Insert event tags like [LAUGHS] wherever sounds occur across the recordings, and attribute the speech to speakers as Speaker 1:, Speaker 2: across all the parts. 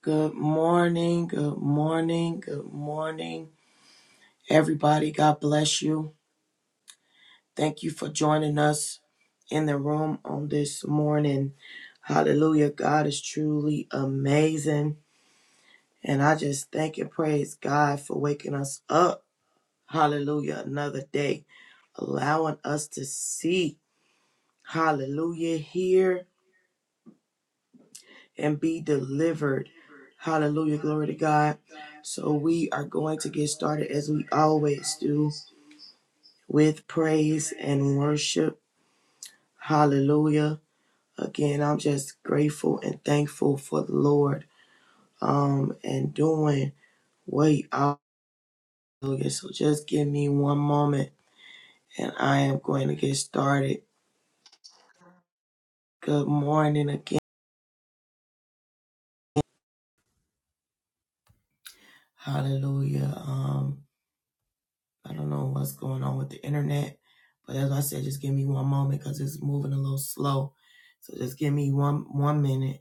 Speaker 1: Good morning, good morning, good morning, everybody. God bless you. Thank you for joining us in the room on this morning. Hallelujah. God is truly amazing. And I just thank and praise God for waking us up. Hallelujah. Another day, allowing us to see. Hallelujah. Hear and be delivered. Hallelujah. Glory to God. So we are going to get started as we always do. with praise and worship. Hallelujah. Again, I'm just grateful and thankful for the Lord um, and doing what he- Hallelujah. So just give me one moment and I am going to get started. Good morning again. Hallelujah. Um, I don't know what's going on with the internet, but as I said, just give me one moment because it's moving a little slow. So just give me one one minute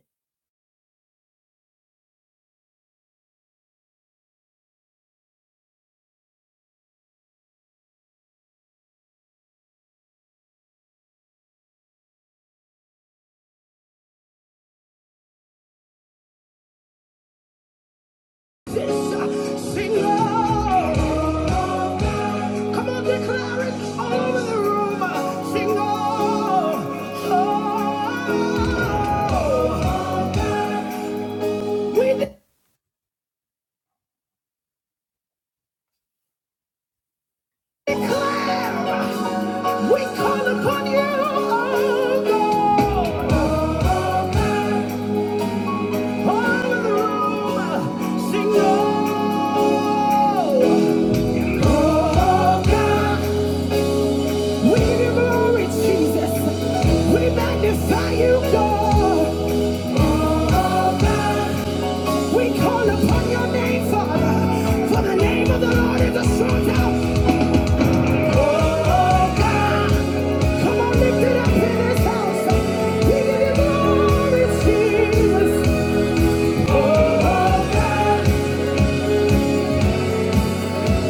Speaker 1: Sing on. Come on, declare it all over the room. Sing on. We declare. We call upon you, oh God. All over the room. Sing on. We give you glory, Jesus. We magnify you, God. We call upon your name, Father, for the name of the Lord is a strong tower. Oh, God. Come on, lift it up in this house. We give you glory, Jesus. Oh, God.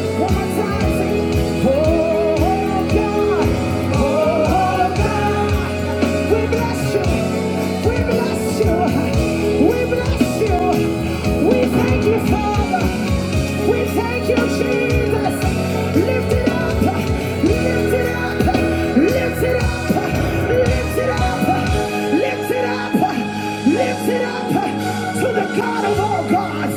Speaker 1: One more time, say, Oh, God. Oh, God. We bless you. We bless you. We bless you. We thank you, Father. We thank you, Jesus. Lift it up. Lift it up. Lift it up. Lift it up. Lift Lift it up, lift it up to the God of all gods,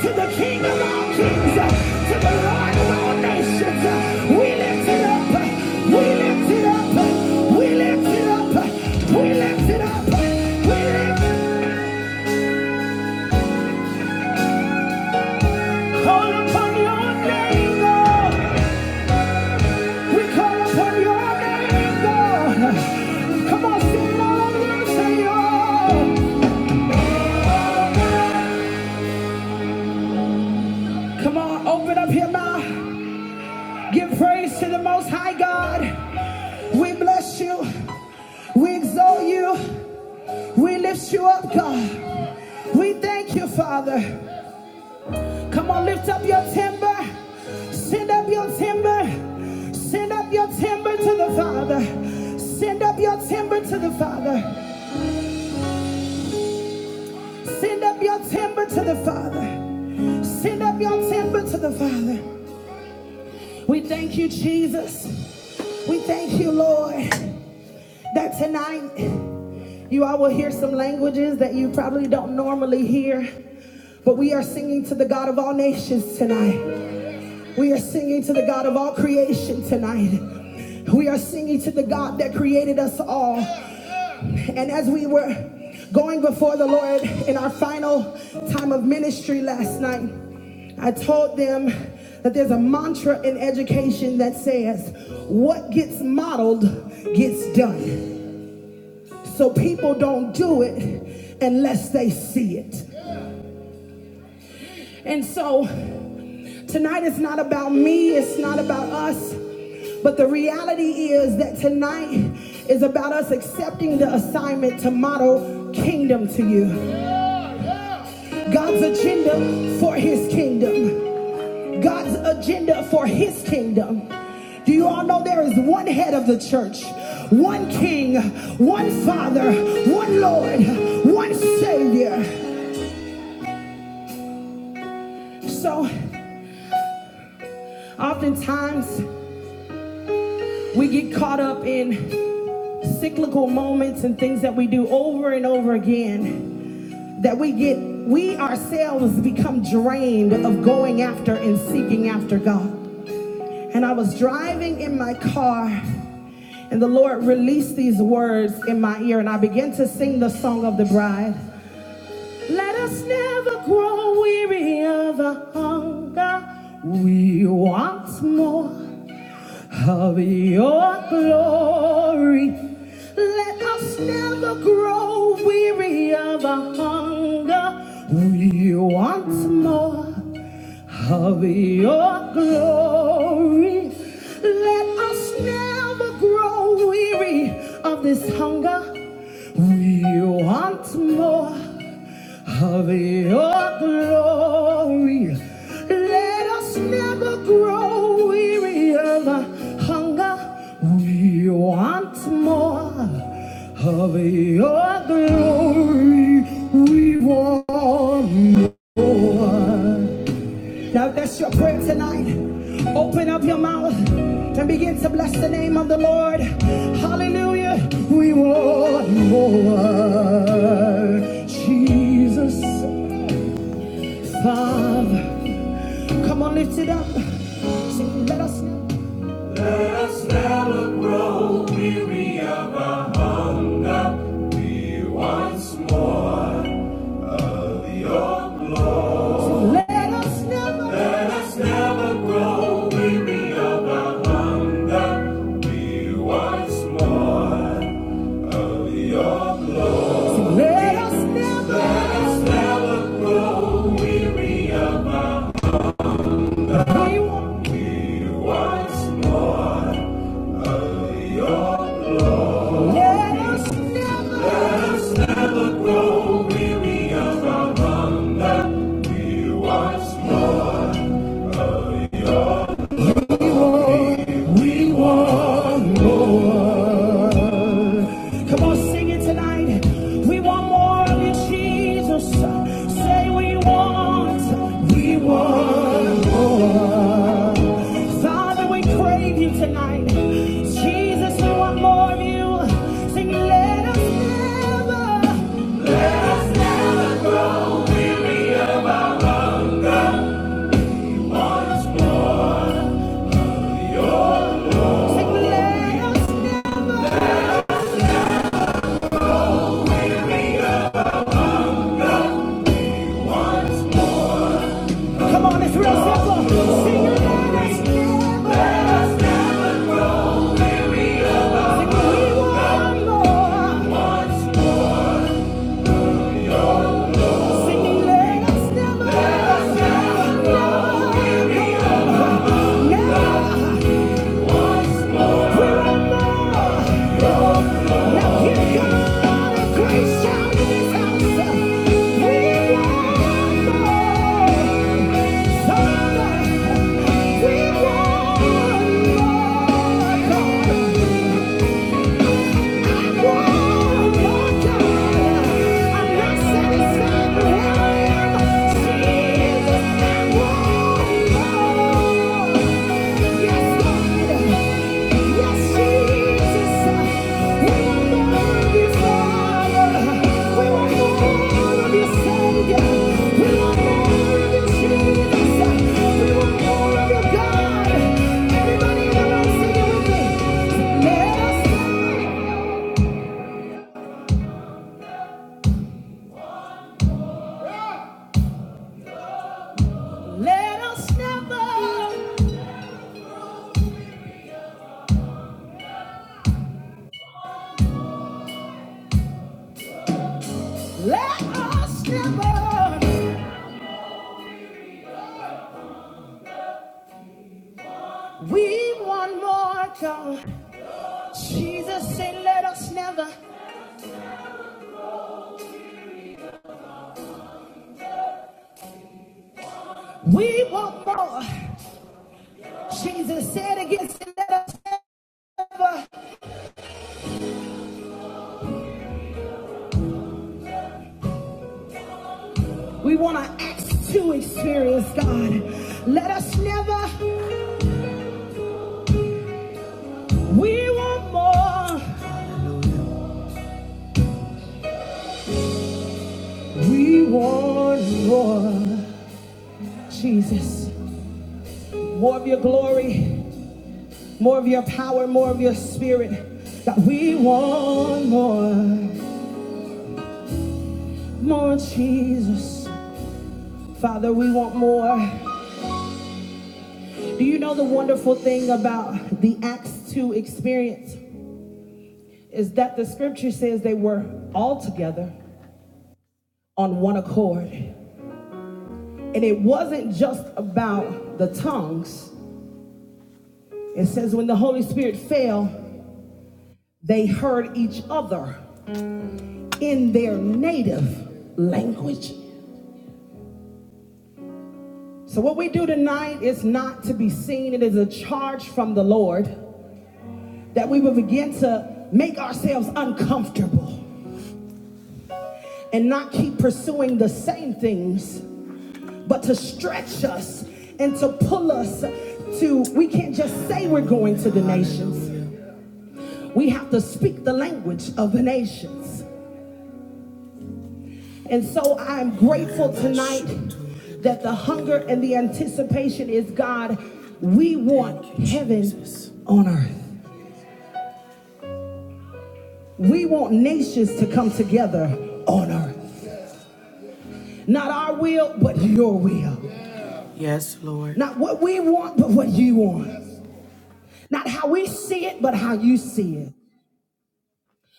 Speaker 1: to the King of all kings, to the Lord of all nations. We lift it up, we lift it up, we lift it up, we lift it up, we lift it up. Call upon your name, God. We call upon your name, God. Come on, sing all over, Señor. Come on, open up your mouth. Give praise to the Most High God. We bless you. We exalt you. We lift you up, God. We thank you, Father. Come on, lift up your timber. Send up your timber. Send up your timber to the Father. Send up your timber to the Father. Send up your timber to the Father. Send up your timber to the Father. We thank you, Jesus. We thank you, Lord, that tonight You all will hear some languages that you probably don't normally hear, but we are singing to the God of all nations tonight. We are singing to the God of all creation tonight. We are singing to the God that created us all. And as we were going before the Lord in our final time of ministry last night, I told them that there's a mantra in education that says, What gets modeled gets done. So people don't do it unless they see it. And so tonight is not about me, it's not about us. But the reality is that tonight is about us accepting the assignment to model kingdom to you. God's agenda for his kingdom. God's agenda for his kingdom. Do you all know there is one head of the church, one king, one father, one Lord, one Savior? So oftentimes we get caught up in cyclical moments and things that we do over and over again that we get we ourselves become drained of going after and seeking after God. And I was driving in my car and the Lord released these words in my ear and I began to sing the song of the bride. Let us never grow weary of the hunger we want more. of your glory. Let us never grow weary of our hunger. We want more of your glory. Let us never grow weary of this hunger. We want more of your glory. Let us never grow weary of our hunger. We want more of your glory. We want more. Now that's your prayer tonight. Open up your mouth and begin to bless the name of the Lord. Hallelujah. We want more. Jesus, Father. Come on, lift it up. Sing, let us never, let us never, let us never, let us never, we want, let us never, We want more. Come on, sing it tonight. We want more of you, Jesus. Say we want. We want more. Father, we crave you tonight. Jesus, we want more of you. Sing, let us never, let us never go. Sing, let us never. Come on, it's real simple. Sing, let us never. Let us never Thank you. Yes, God. Yes, Jesus. Let us never, let us never, we want more, God. Jesus said, let us never, we want more. Jesus said against it, let us never. We want to acts to experience God. Let us never. We want more. We want more. Jesus. More of your glory, more of your power, more of your spirit. God, we want more. More Jesus. Father, we want more. Do you know the wonderful thing about the Acts 2 experience? Is that the scripture says they were all together on one accord. And it wasn't just about the tongues. It says when the Holy Spirit fell, they heard each other in their native language. So, what we do tonight is not to be seen, it is a charge from the Lord that we will begin to make ourselves uncomfortable and not keep pursuing the same things, but to stretch us and to pull us to, we can't just say we're going to the nations. We have to speak the language of the nations. And so I'm grateful tonight that the hunger and the anticipation is God, we want heaven on earth. We want nations to come together on earth. Not our will, but your will. Yes, Lord. Not what we want, but what you want. Not how we see it, but how you see it.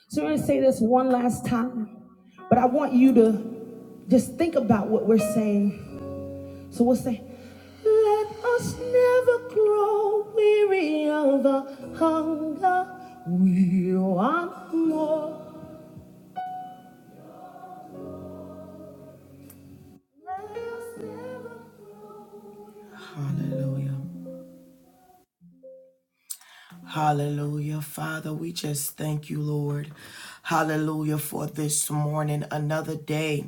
Speaker 1: So I'm going to say this one last time, but I want you to just think about what we're saying So we'll say, Let us never grow weary of the hunger we want more. Hallelujah. Hallelujah. Father, we just thank you, Lord. Hallelujah for this morning, another day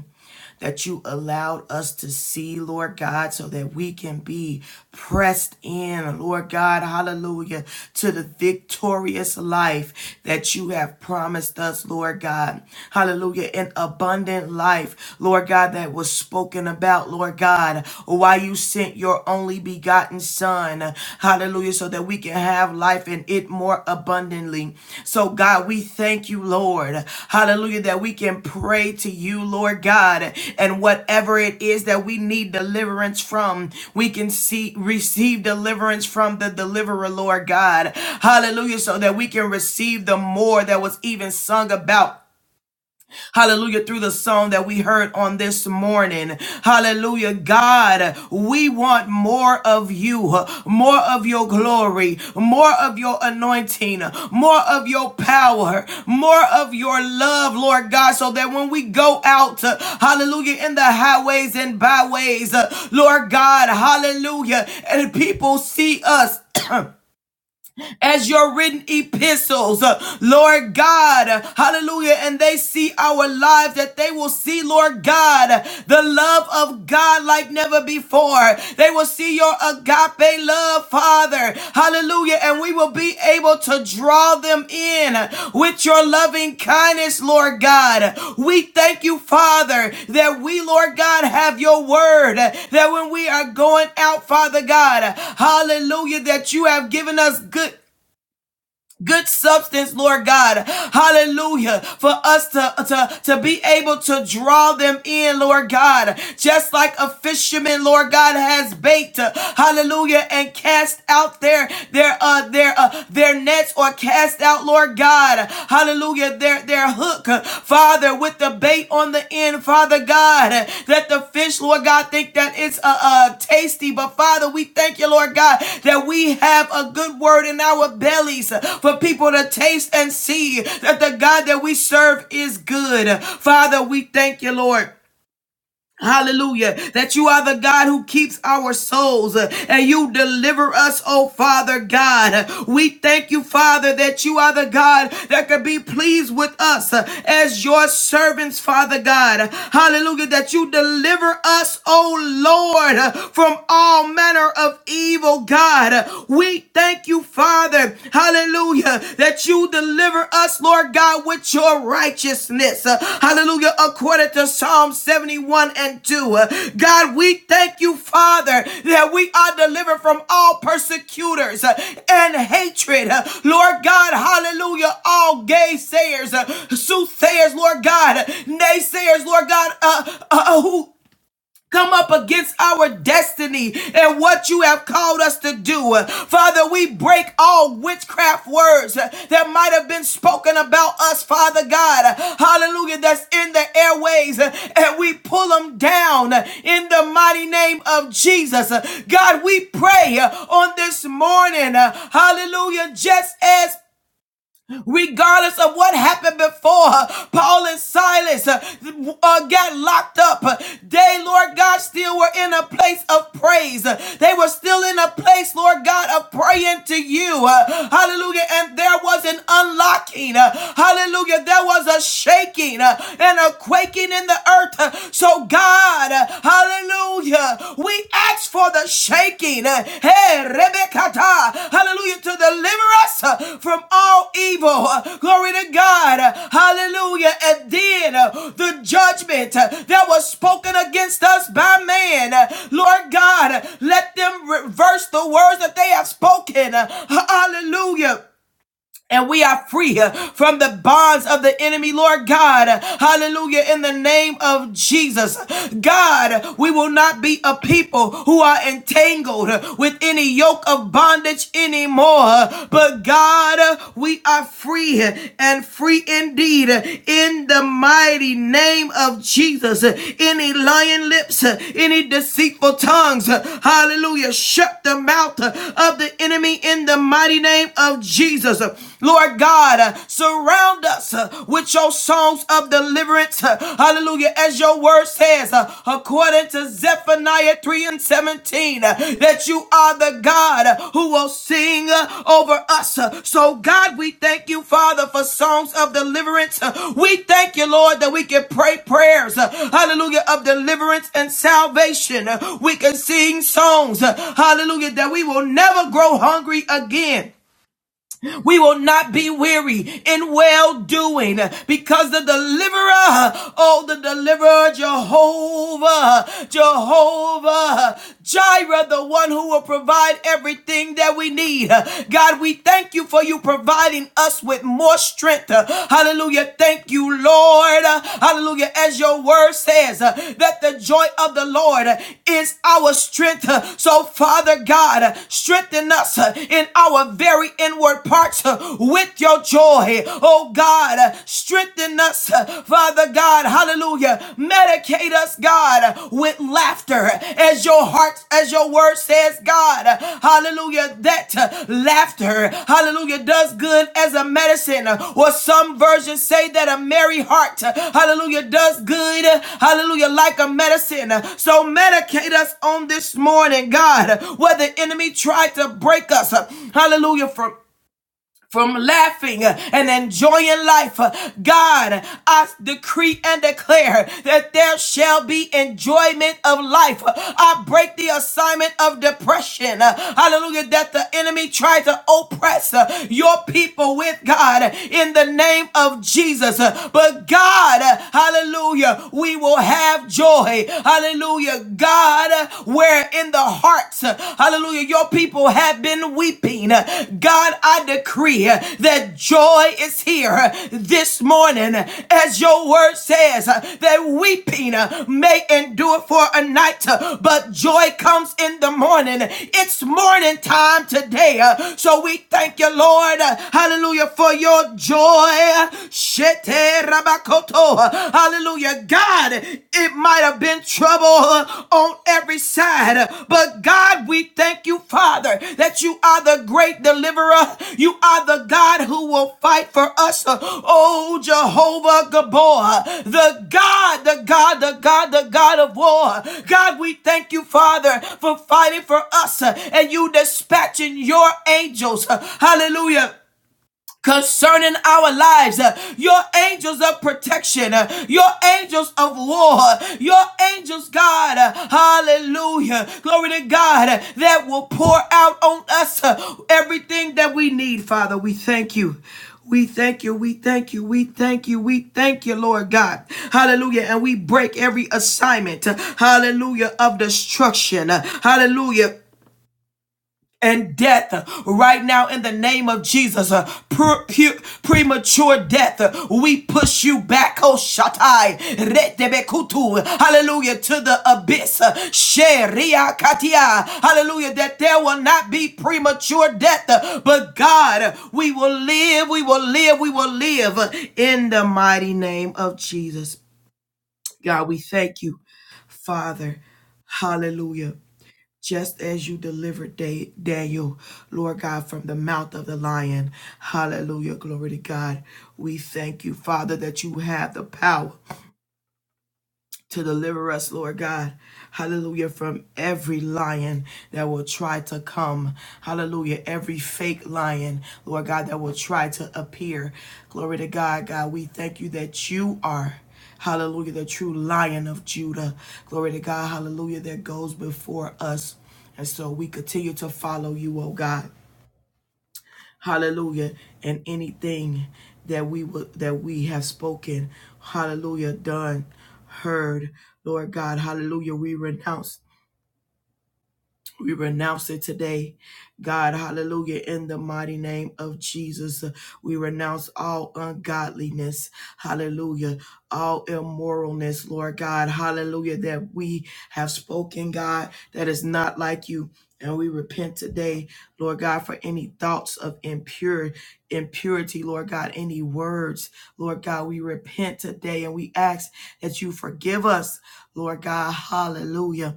Speaker 1: that you allowed us to see, Lord God, so that we can be pressed in, Lord God. Hallelujah to the victorious life that you have promised us, Lord God. Hallelujah. An abundant life, Lord God, that was spoken about, Lord God. God, why you sent your only begotten Son. Hallelujah. So that we can have life and it more abundantly. So, God, we thank you, Lord. Hallelujah. That we can pray to you, Lord God. And whatever it is that we need deliverance from, we can see receive deliverance from the deliverer, Lord God. Hallelujah. So that we can receive the more that was even sung about Hallelujah. Through the song that we heard on this morning. Hallelujah. God, we want more of you, more of your glory, more of your anointing, more of your power, more of your love, Lord God, so that when we go out, hallelujah, in the highways and byways, Lord God, hallelujah, and people see us. [CLEARS THROAT] as your written epistles, uh, Lord God. uh, Hallelujah. And they see our lives, that they will see, Lord God, uh, the love of God like never before. They will see your agape love, Father. Hallelujah. And we will be able to draw them in with your loving kindness, Lord God. We thank you, Father, that we, Lord God, have your word. That when we are going out, Father God, hallelujah, that you have given us good good substance, Lord God. Hallelujah. For us to, to, to be able to draw them in, Lord God. Just like a fisherman, Lord God, has bait, uh, hallelujah, and cast out their their uh their uh their nets or cast out, Lord God, hallelujah, their their hooks hook, uh, Father, with the bait on the end, Father God, uh, that the fish, Lord God, think that it's uh, uh, tasty. But Father, we thank you, Lord God, that we have a good word in our bellies uh, for people to taste and see that the God that we serve is good. Father, we thank you, Lord Hallelujah. That you are the God who keeps our souls uh, and you deliver us, oh Father God. Uh, We thank you, Father, that you are the God that could be pleased with us uh, as your servants, Father God. Hallelujah. That you deliver us, oh Lord, uh, from all manner of evil, God. Uh, We thank you, Father. Hallelujah hallelujah, that you deliver us, Lord God, with your righteousness, Uh, hallelujah, according to Psalm 71 and 2. Uh, God, we thank you, Father, that we are delivered from all persecutors uh, and hatred, Uh, Lord God, hallelujah, all gaysayers, uh, soothsayers, Lord God, naysayers, Lord God, uh, uh, who Come up against our destiny and what you have called us to do. Father, we break all witchcraft words that might have been spoken about us, Father God. Hallelujah, that's in the airways, and we pull them down in the mighty name of Jesus. God, we pray on this morning, hallelujah, just as regardless of what happened before. Paul and Silas uh, uh, got locked up. They, Lord God, still were in a place of praise. They were still in a place, Lord God, of praying to you. Uh, Hallelujah. And there was an unlocking. Uh, Hallelujah. There was a shaking uh, and a quaking in the earth. Uh, So, God, uh, hallelujah. Hallelujah. We ask for the shaking. Hey, Rebekata. Hallelujah. To deliver us uh, from all evil. Uh, Glory to God. Hallelujah. And then uh, the judgment uh, that was spoken against us by man. Uh, Lord God, let them reverse the words that they have spoken. Uh, Hallelujah and we are free uh, from the bonds of the enemy, Lord God. Hallelujah. In the name of Jesus. God, we will not be a people who are entangled uh, with any yoke of bondage anymore. But God, uh, we are free uh, and free indeed. uh, In the mighty name of Jesus. Uh, Any lying lips, uh, any deceitful tongues, uh, hallelujah. Shut the mouth uh, of the enemy in the mighty name of Jesus. Jesus. Lord God, uh, surround us uh, with your songs of deliverance. Uh, Hallelujah. As your word says, uh, according to Zephaniah 3 and 17, uh, that you are the God uh, who will sing uh, over us. Uh, So, God, we thank you, Father, for songs of deliverance. Uh, We thank you, Lord, that we can pray prayers. uh, Hallelujah. Of deliverance and salvation. Uh, We can sing songs. uh, Hallelujah. That we will never grow hungry again. We will not be weary in well doing because the deliverer, oh, the deliverer, Jehovah, Jehovah, Jireh, the one who will provide everything that we need. God, we thank you for you providing us with more strength. Hallelujah. Thank you, Lord. Hallelujah. As your word says, that the joy of the Lord is our strength. So, Father God, strengthen us in our very inward inward parts uh, with your joy. Oh God, uh, strengthen us, uh, Father God. Hallelujah. Medicate us, God, uh, with laughter as your heart, as your word says, God. Uh, Hallelujah. That uh, laughter, hallelujah, does good as a medicine. Uh, Or some versions say that a merry heart, uh, hallelujah, does good, uh, hallelujah, like a medicine. Uh, So medicate us on this morning, God, Uh, where the enemy tried to break us, uh, hallelujah, from from laughing uh, and enjoying life. Uh, God, I decree and declare that there shall be enjoyment of life. Uh, I break the assignment of depression. uh, Hallelujah. That the enemy tried to oppress uh, your people with God uh, in the name of Jesus. Uh, But God, uh, hallelujah, we will have joy. Hallelujah. God, uh, where in the the hearts. Hallelujah. Your people have been weeping. God, I decree that joy is here this morning. As your word says, that weeping may endure for a night, but joy comes in the morning. It's morning time today. So we thank you, Lord. Hallelujah for your joy. Shete rabakoto. Hallelujah. God, it might have been trouble on every side, but God, we thank you, Father, that you are the great deliverer. You are the God who will fight for us. Oh, Jehovah Gabor, the God, the God, the God, the God of war. God, we thank you, Father, for fighting for us and you dispatching your angels. Hallelujah concerning our lives. Uh, Your angels of protection, uh, your angels of war, uh, your angels, God, uh, hallelujah, glory to God, uh, that will pour out on us uh, everything that we need, Father. We thank you. We thank you, we thank you, we thank you, we thank you, Lord God. Hallelujah. And we break every assignment, uh, hallelujah, of destruction. Uh, Hallelujah and death uh, right now in the name of Jesus. uh, pre- pu- premature death, uh, we push you back. Oh, Shatai, Retebekutu, hallelujah, to the abyss. uh, Sheria Katia, hallelujah, that there will not be premature death, uh, but God, uh, we will live, we will live, we will live uh, in the mighty name of Jesus. God, we thank you, Father. Hallelujah just as you delivered Da- Daniel, Lord God, from the mouth of the lion. Hallelujah. Glory to God. We thank you, Father, that you have the power to deliver us, Lord God. Hallelujah. From every lion that will try to come. Hallelujah. Every fake lion, Lord God, that will try to appear. Glory to God, God. We thank you that you are. Hallelujah, the true lion of Judah. Glory to God. Hallelujah, that goes before us. And so we continue to follow you, oh God hallelujah and anything that we would that we have spoken hallelujah done heard lord god hallelujah we renounce we renounce it today. God, hallelujah, in the mighty name of Jesus. We renounce all ungodliness, hallelujah, all immoralness, Lord God, hallelujah, that we have spoken, God, that is not like you. And we repent today, Lord God, for any thoughts of impure impurity, Lord God, any words, Lord God, we repent today and we ask that you forgive us, Lord God, hallelujah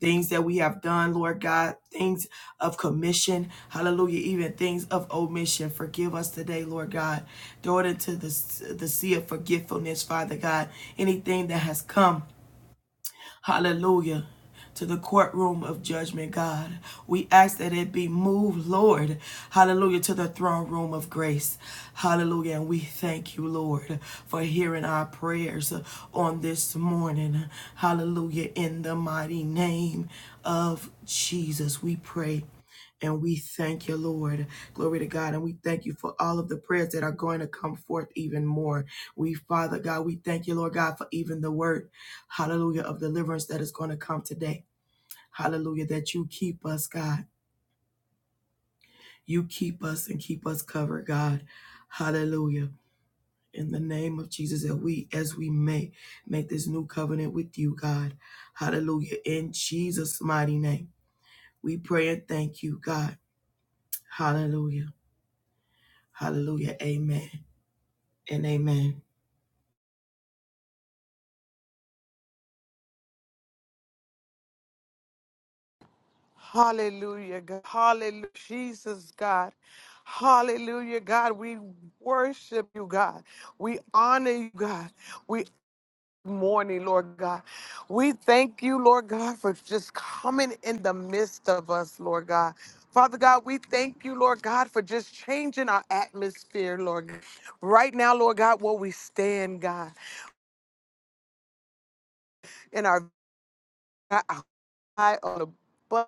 Speaker 1: things that we have done, Lord God, things of commission, hallelujah, even things of omission. Forgive us today, Lord God. Throw it into the, the sea of forgetfulness, Father God. Anything that has come, Hallelujah. To the courtroom of judgment, God. We ask that it be moved, Lord. Hallelujah. To the throne room of grace. Hallelujah. And we thank you, Lord, for hearing our prayers on this morning. Hallelujah. In the mighty name of Jesus, we pray. And we thank you, Lord. Glory to God. And we thank you for all of the prayers that are going to come forth even more. We, Father God, we thank you, Lord God, for even the word hallelujah, of deliverance that is going to come today. Hallelujah, that you keep us, God. You keep us and keep us covered, God. Hallelujah. In the name of Jesus, that we, as we may make this new covenant with you, God. Hallelujah. In Jesus' mighty name, we pray and thank you, God. Hallelujah. Hallelujah. Amen and amen.
Speaker 2: Hallelujah, God. Hallelujah, Jesus, God. Hallelujah, God. We worship you, God. We honor you, God. We morning, Lord God. We thank you, Lord God, for just coming in the midst of us, Lord God. Father God, we thank you, Lord God, for just changing our atmosphere, Lord. God. Right now, Lord God, where we stand, God, in our God, a high on the bus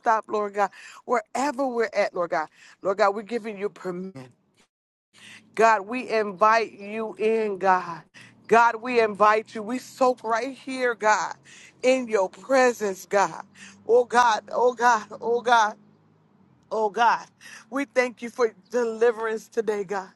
Speaker 2: stop, Lord God, wherever we're at, Lord God. Lord God, we're giving you permission. God, we invite you in, God. God, we invite you. We soak right here, God, in your presence, God. Oh God, oh God, oh God. Oh God, we thank you for deliverance today, God.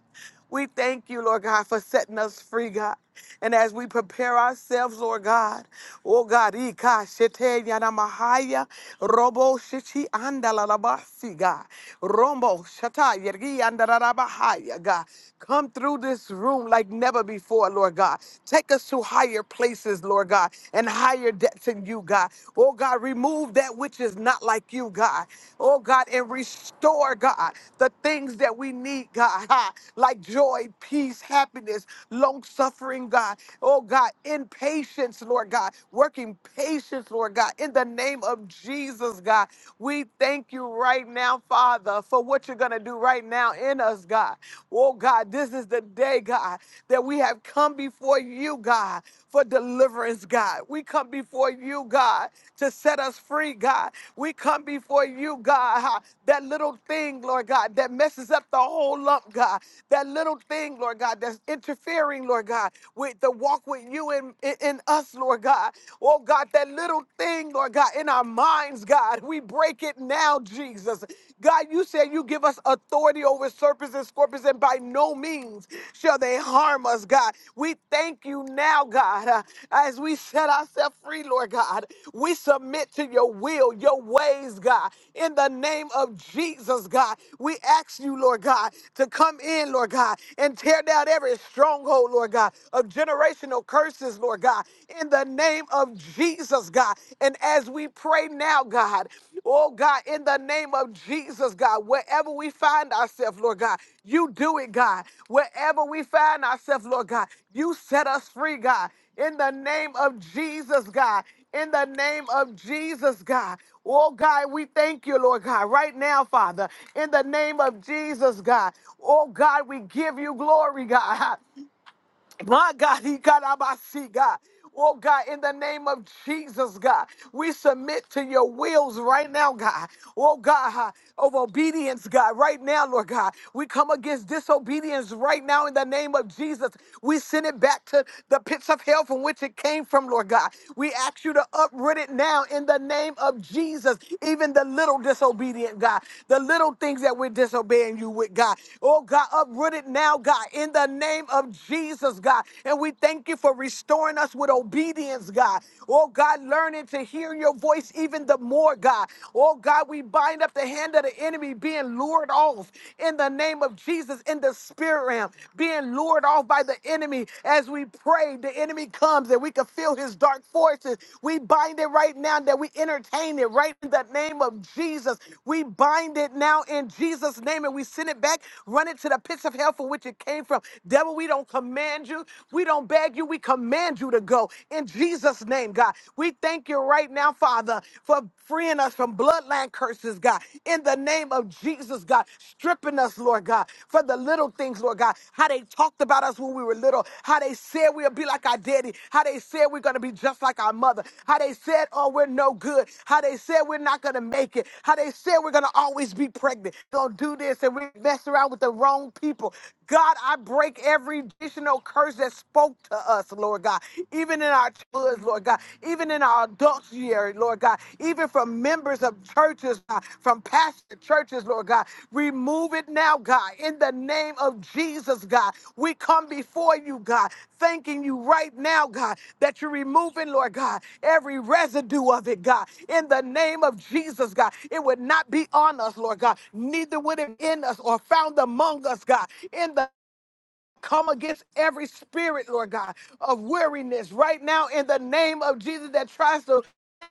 Speaker 2: We thank you, Lord God, for setting us free, God. And as we prepare ourselves, Lord God, oh God, ika shete yana mahaya, robo shichi andalabasi, God, rombo shata yergi andalabahaya, God. Come through this room like never before, Lord God. Take us to higher places, Lord God, and higher depths that's in you, God. Oh, God, remove that which is not like you, God. Oh, God, and restore, God, the things that we need, God, [LAUGHS] ha, like joy, peace, happiness, long suffering, God. Oh, God, in patience, Lord God, working patience, Lord God, in the name of Jesus, God. We thank you right now, Father, for what you're going to do right now in us, God. Oh, God, this is the day, God. God, that we have come before you, God, for deliverance, God. We come before you, God, to set us free, God. We come before you, God, ha, that little thing, Lord God, that messes up the whole lump, God. That little thing, Lord God, that's interfering, Lord God, with the walk with you and in, in us, Lord God. Oh God, that little thing, Lord God, in our minds, God, we break it now, Jesus. God, you said you give us authority over serpents and scorpions, and by no means shall they harm us, God. We thank you now, God, uh, as we set ourselves free, Lord God. We submit to your will, your ways, God. In the name of Jesus, God, we ask you, Lord God, to come in, Lord God, and tear down every stronghold, Lord God, of generational curses, Lord God. In the name of Jesus. Jesus, God. And as we pray now, God, oh God, in the name of Jesus, God, wherever we find ourselves, Lord God, you do it, God. Wherever we find ourselves, Lord God, you set us free, God. In the name of Jesus, God. In the name of Jesus, God. Oh God, we thank you, Lord God, right now, Father. In the name of Jesus, God. Oh God, we give you glory, God. [LAUGHS] My God, [LAUGHS] he got Abasi, God. Oh God, in the name of Jesus, God, we submit to your wills right now, God. Oh God, huh, of obedience, God, right now, Lord God. We come against disobedience right now in the name of Jesus. We send it back to the pits of hell from which it came from, Lord God. We ask you to uproot it now in the name of Jesus, even the little disobedient, God, the little things that we're disobeying you with, God. Oh God, uproot it now, God, in the name of Jesus. Jesus, God. And we thank you for restoring us with obedience, God. Oh, God, learning to hear your voice even the more, God. Oh, God, we bind up the hand of the enemy being lured off in the name of Jesus in the spirit realm, being lured off by the enemy. As we pray, the enemy comes and we can feel his dark forces. We bind it right now that we entertain it right in the name of Jesus. We bind it now in Jesus' name and we send it back, run it to the pits of hell from which it came from. Devil, devil, we don't command you. We don't beg you. We command you to go. In Jesus' name, God, we thank you right now, Father, for freeing us from bloodline curses, God. In the name of Jesus, God, stripping us, Lord God, for the little things, Lord God, how they talked about us when we were little, how they said we'll be like our daddy, how they said we're going to be just like our mother, how they said, oh, we're no good, how they said we're not going to make it, how they said we're going to always be pregnant, going to do this, and we mess around with the wrong people. God, I break every additional curse that spoke to us, Lord God, even in our childhoods, Lord God, even in our adult year, Lord God, even from members of churches, God, from pastor churches, Lord God. Remove it now, God, in the name of Jesus, God. We come before you, God, thanking you right now, God, that you're removing, Lord God, every residue of it, God, in the name of Jesus, God. It would not be on us, Lord God, neither would it in us or found among us, God, in the Come against every spirit, Lord God, of weariness right now in the name of Jesus that tries to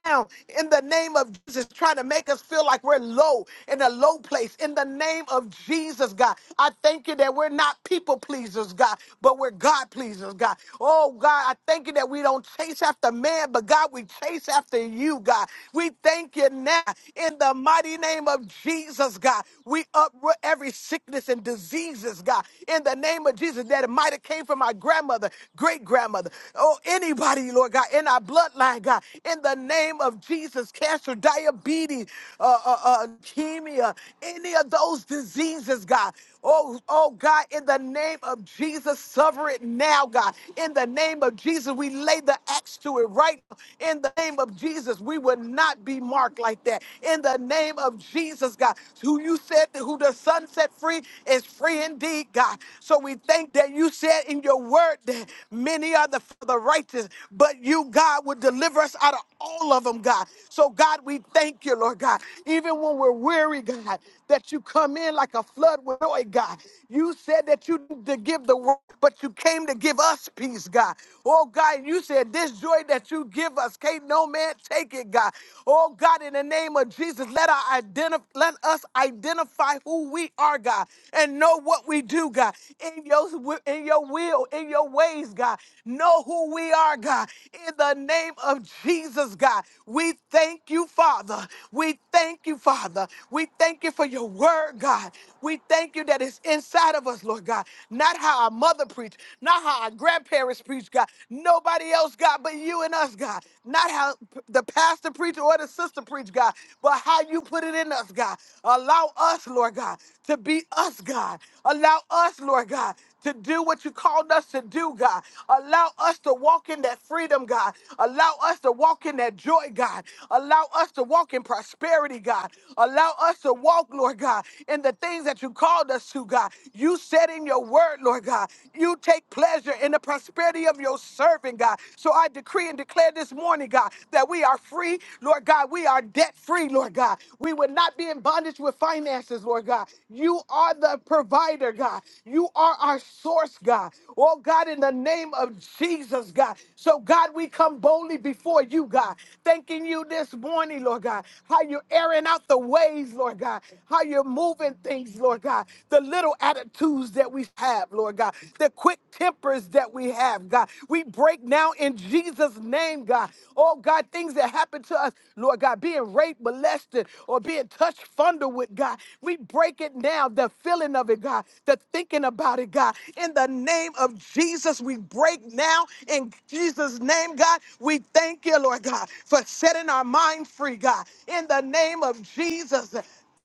Speaker 2: down in the name of Jesus, trying to make us feel like we're low in a low place. In the name of Jesus, God, I thank you that we're not people pleasers, God, but we're God pleasers, God. Oh, God, I thank you that we don't chase after man, but God, we chase after you, God. We thank you now in the mighty name of Jesus, God. We uproot every sickness and diseases, God, in the the name of Jesus that it might have came from my grandmother, great grandmother, oh, anybody, Lord God, in our bloodline, God, in the name of Jesus, cancer, diabetes, uh, uh, uh, leukemia, any of those diseases, God. Oh, oh God, in the name of Jesus, suffer it now, God. In the name of Jesus, we lay the axe to it right now. In the name of Jesus, we will not be marked like that. In the name of Jesus, God, who you said who the Son set free is free indeed need, God. So we thank that you said in your word that many are the, the righteous, but you, God, would deliver us out of all of them, God. So, God, we thank you, Lord God. Even when we're weary, God, that you come in like a flood with joy, God. You said that you didn't to give the world, but you came to give us peace, God. Oh, God, you said this joy that you give us, can't no man take it, God. Oh, God, in the name of Jesus, let, our identif- let us identify who we are, God, and and know what we do, God. In your wi- in your will, in your ways, God. Know who we are, God. In the name of Jesus, God. We thank you, Father. We thank you, Father. We thank you for your word, God. We thank you that it's inside of us, Lord God. Not how our mother preached, not how our grandparents preached, God. Nobody else, God, but you and us, God. Not how p- the pastor preached or the sister preached, God, but how you put it in us, God. Allow us, Lord God, to be be us, God. Allow us, Lord God, to do what you called us to do, God. Allow us to walk in that freedom, God. Allow us to walk in that joy, God. Allow us to walk in prosperity, God. Allow us to walk, Lord God, in the things that you called us to, God. You said in your word, Lord God, you take pleasure in the prosperity of your servant, God. So I decree and declare this morning, God, that we are free, Lord God. We are debt free, Lord God. We would not be in bondage with finances, Lord God. God. You are the provider, God. You are our source, God. Oh, God, in the name of Jesus, God. So, God, we come boldly before you, God, thanking you this morning, Lord God, how you're airing out the ways, Lord God, how you're moving things, Lord God, the little attitudes that we have, Lord God, the quick tempers that we have, God. We break now in Jesus' name, God. Oh, God, things that happen to us, Lord God, being raped, molested, or being touched, fondled with, God. We break it now, the feeling of it, God, the thinking about it, God. In the name of Jesus, we break now. In Jesus' name, God, we thank you, Lord God, for setting our mind free, God. In the name of Jesus.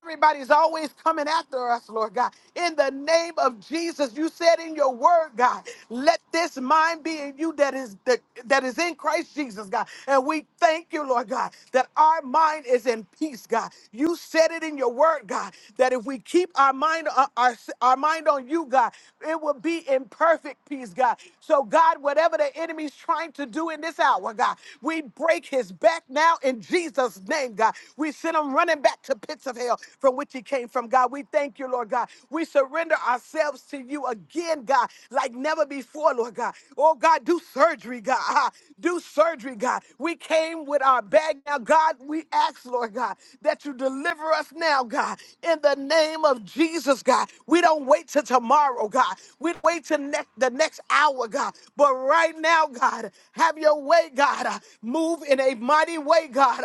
Speaker 2: Everybody's always coming after us, Lord God. In the name of Jesus, you said in your word, God, let this mind be in you that is that, that is in Christ Jesus, God. And we thank you, Lord God, that our mind is in peace, God. You said it in your your word, God, that if we keep our mind uh, our, our mind on you, God, it will be in perfect peace, God. So, God, whatever the enemy's trying to do in this hour, God, we break his back now in Jesus' name, God. We send him running back to pits of hell from which he came from, God. We thank you, Lord God. We surrender ourselves to you again, God, like never before, Lord God. Oh, God, do surgery, God. [LAUGHS] Ah, Do surgery, God. We came with our bag. Now, God, we ask, Lord God, that you deliver. Deliver us now, God, in the name of Jesus, God. We don't wait till tomorrow, God. We don't wait till ne- the next hour, God. But right now, God, have your way, God. Uh, move in a mighty way, God.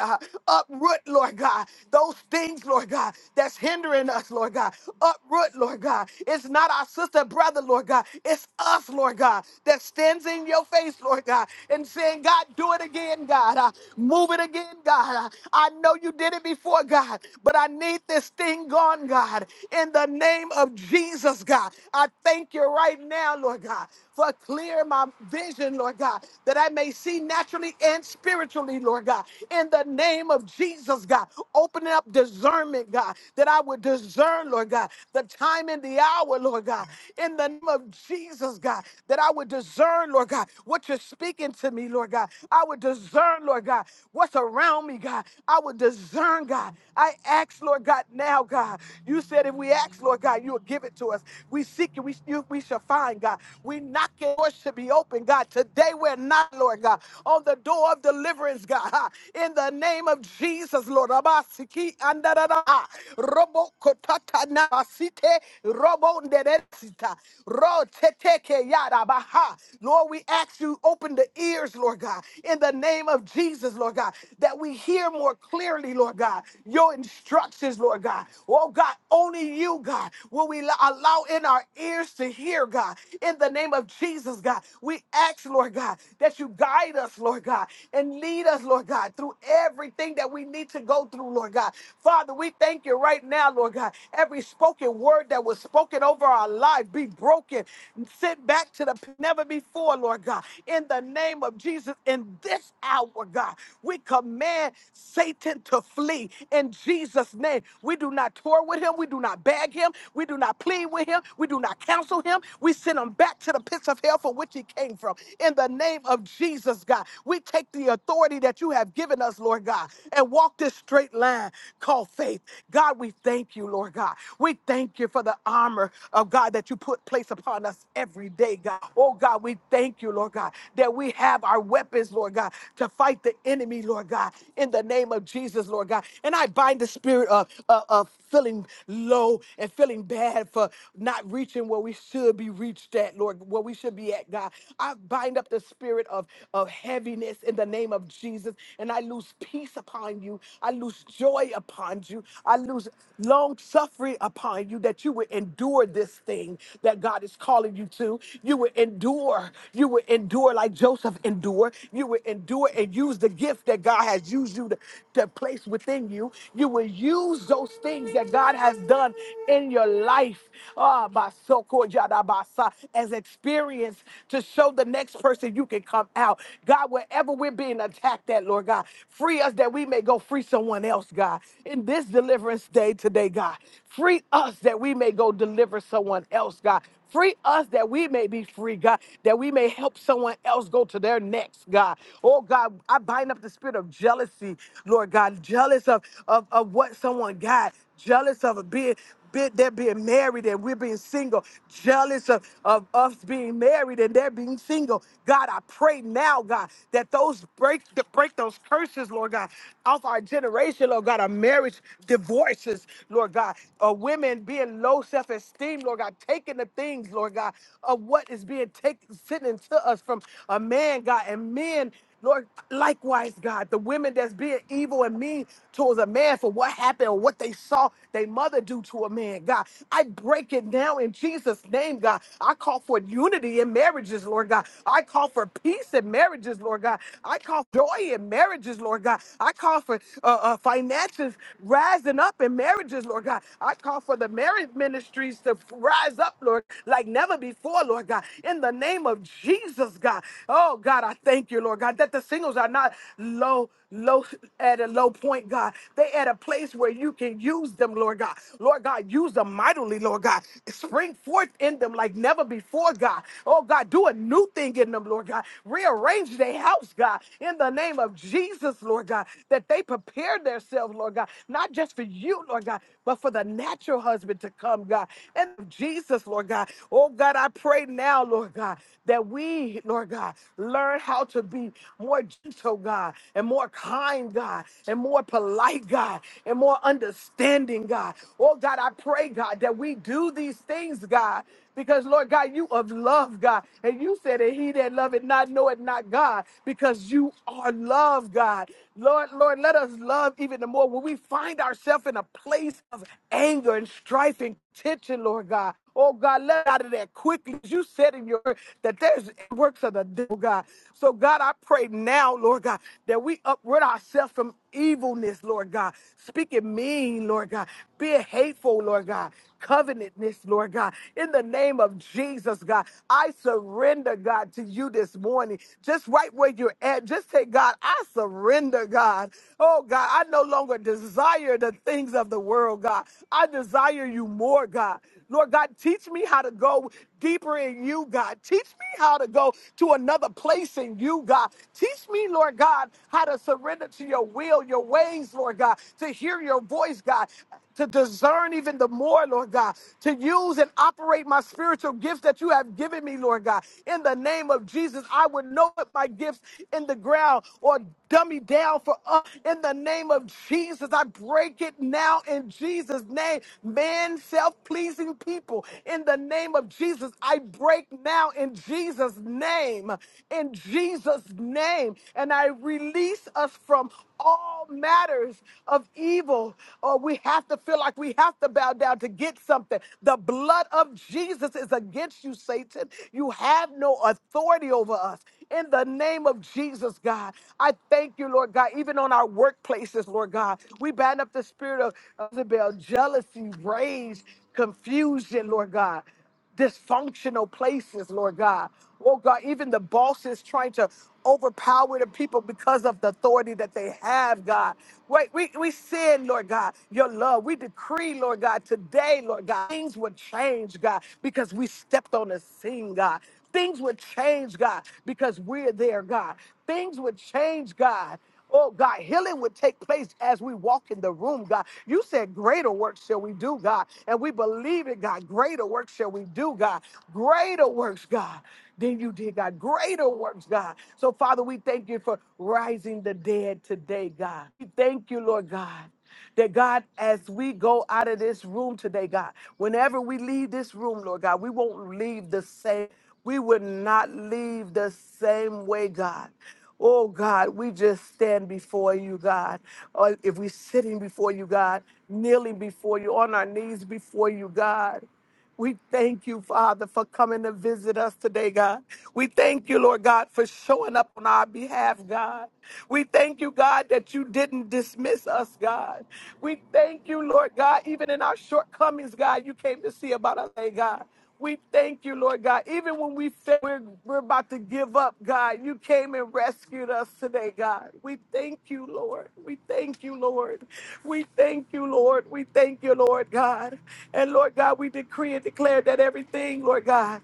Speaker 2: Uh, uproot, Lord God, those things, Lord God, that's hindering us, Lord God. Uproot, Lord God. It's not our sister, brother, Lord God. It's us, Lord God, that stands in your face, Lord God, and saying, God, do it again, God. Uh, move it again, God. Uh, I know you did it before for, God. But I need this thing gone, God. In the name of Jesus, God. I thank you right now, Lord God, for clear my vision, Lord God, that I may see naturally and spiritually, Lord God. In the name of Jesus, God. Opening up discernment, God, that I would discern, Lord God, the time and the hour, Lord God. In the name of Jesus, God, that I would discern, Lord God, what you're speaking to me, Lord God. I would discern, Lord God, what's around me, God. I would discern discern, God. I ask, Lord God, now, God. You said if we ask, Lord God, you'll give it to us. We seek it, we, you, we shall find, God. We knock it, door should be open, God. Today we're not, Lord God, on the door of deliverance, God. Ah, In the name of Jesus, Lord. Abasiki andarara. ah, Robo kotata nabasite. Robo nderesita. Ro teteke yarabaha. Lord, we ask you, open the ears, Lord God, in the name of Jesus, Lord God, that we hear hear more clearly, Lord God, your instructions, Lord God. Oh God, only you, God, will we lo- allow in our ears to hear, God. In the name of Jesus, God, we ask, Lord God, that you guide us, Lord God, and lead us, Lord God, through everything that we need to go through, Lord God. Father, we thank you right now, Lord God. Every spoken word that was spoken over our life be broken, sent back to the p- never before, Lord God. In the name of Jesus, in this hour, God, we command command Satan to flee in Jesus' name. We do not tour with him. We do not bag him. We do not plead with him. We do not counsel him. We send him back to the pits of hell from which he came from. In the name of Jesus, God, we take the authority that you have given us, Lord God, and walk this straight line called faith. God, we thank you, Lord God. We thank you for the armor of God that you put place upon us every day, God. Oh, God, we thank you, Lord God, that we have our weapons, Lord God, to fight the enemy enemy, Lord God, in the name of Jesus, Lord God. And I bind the spirit of, of, of feeling low and feeling bad for not reaching where we should be reached at, Lord, where we should be at, God. I bind up the spirit of, of heaviness in the name of Jesus, and I lose peace upon you. I lose joy upon you. I lose long suffering upon you that you would endure this thing that God is calling you to. You would endure. You would endure like Joseph endured. You would endure and and use the gift that God has used you to, to place within you. You will use those things that God has done in your life ah, by so called Yadabasa, as experience to show the next person you can come out. God, wherever we're being attacked at, Lord God, free us that we may go free someone else, God. In this deliverance day today, God, free us that we may go deliver someone else, God. Free us that we may be free, God, that we may help someone else go to their next, God. Oh, God, I bind up the spirit of jealousy, Lord God, jealous of, of, of what someone got, jealous of being. Be, they're being married and we're being single, jealous of, of us being married and they're being single. God, I pray now, God, that those break that break those curses, Lord God, off our generation, Lord God, our marriage divorces, Lord God, uh, women being low self-esteem, Lord God, taking the things, Lord God, of what is being taken, sent into us from a man, God, and men. Lord, likewise, God, the women that's being evil and mean towards a man for what happened or what they saw their mother do to a man, God. I break it now in Jesus' name, God. I call for unity in marriages, Lord God. I call for peace in marriages, Lord God. I call for joy in marriages, Lord God. I call for uh, uh, finances rising up in marriages, Lord God. I call for the marriage ministries to rise up, Lord. Lord, like never before, Lord God. In the name of Jesus, God. Oh, God, I thank you, Lord God, that the singles are not low, low, at a low point, God. They at a place where you can use them, Lord God. Lord God, use them mightily, Lord God. Spring forth in them like never before, God. Oh, God, do a new thing in them, Lord God. Rearrange their house, God, in the name of Jesus, Lord God, that they prepare themselves, Lord God, not just for you, Lord God, but for the natural husband to come, God. And Jesus, Lord. Lord God. Oh God, I pray now, Lord God, that we, Lord God, learn how to be more gentle, God, and more kind, God, and more polite, God, and more understanding, God. Oh God, I pray, God, that we do these things, God, because Lord God, you of love, God, and you said that he that loveth not knoweth not God, because you are love, God. Lord, Lord, let us love even the more when we find ourselves in a place of anger and strife and tension, Lord God. Oh God, let out of that quickly. As You said in your word that there's works of the devil, God. So God, I pray now, Lord God, that we uproot ourselves from evilness, Lord God. Speaking mean, Lord God. Being hateful, Lord God. Covenantness, Lord God. In the name of Jesus, God, I surrender, God, to you this morning. Just right where you're at. Just say, God, I surrender, God. Oh God, I no longer desire the things of the world, God. I desire you more, God. Lord God, God. Teach me how to go deeper in you, God. Teach me how to go to another place in you, God. Teach me, Lord God, how to surrender to your will, your ways, Lord God, to hear your voice, God, to discern even the more, Lord God, to use and operate my spiritual gifts that you have given me, Lord God. In the name of Jesus, I would know it, my gifts in the ground or dummy down for us. In the name of Jesus, I break it now in Jesus' name. Man, self pleasing people now in the name of Jesus. I break now in Jesus' name, in Jesus' name. And I release us from all matters of evil. Or we have to feel like we have to bow down to get something. The blood of Jesus is against you, Satan. You have no authority over us. In the name of Jesus, God, I thank you, Lord God, even on our workplaces, Lord God. We bind up the spirit of Isabel, jealousy, rage, confusion, Lord God, dysfunctional places, Lord God. Oh God, even the bosses trying to overpower the people because of the authority that they have, God. Wait, we, we sin, Lord God, your love. We decree, Lord God, today, Lord God, things would change, God, because we stepped on the scene, God. Things would change, God, because we're there, God. Things would change, God. Oh God, healing would take place as we walk in the room, God. You said, Greater work shall we do, God. And we believe it, God. Greater work shall we do, God. Greater works, God, than you did, God. Greater works, God. So, Father, we thank you for rising the dead today, God. We thank you, Lord God. That God, as we go out of this room today, God, whenever we leave this room, Lord God, we won't leave the same. We would not leave the same way, God. Oh God, we just stand before you, God. Or if we're sitting before you, God, kneeling before you, on our knees before you, God. We thank you, Father, for coming to visit us today, God. We thank you, Lord God, for showing up on our behalf, God. We thank you, God, that you didn't dismiss us, God. We thank you, Lord God, even in our shortcomings, God, you came to see about us, eh, God. We thank you, Lord God. Even when we feel we're, we're about to give up, God, you came and rescued us today, God. We thank you, Lord. We thank you, Lord. We thank you, Lord. We thank you, Lord God. And Lord God, we decree and declare that everything, Lord God.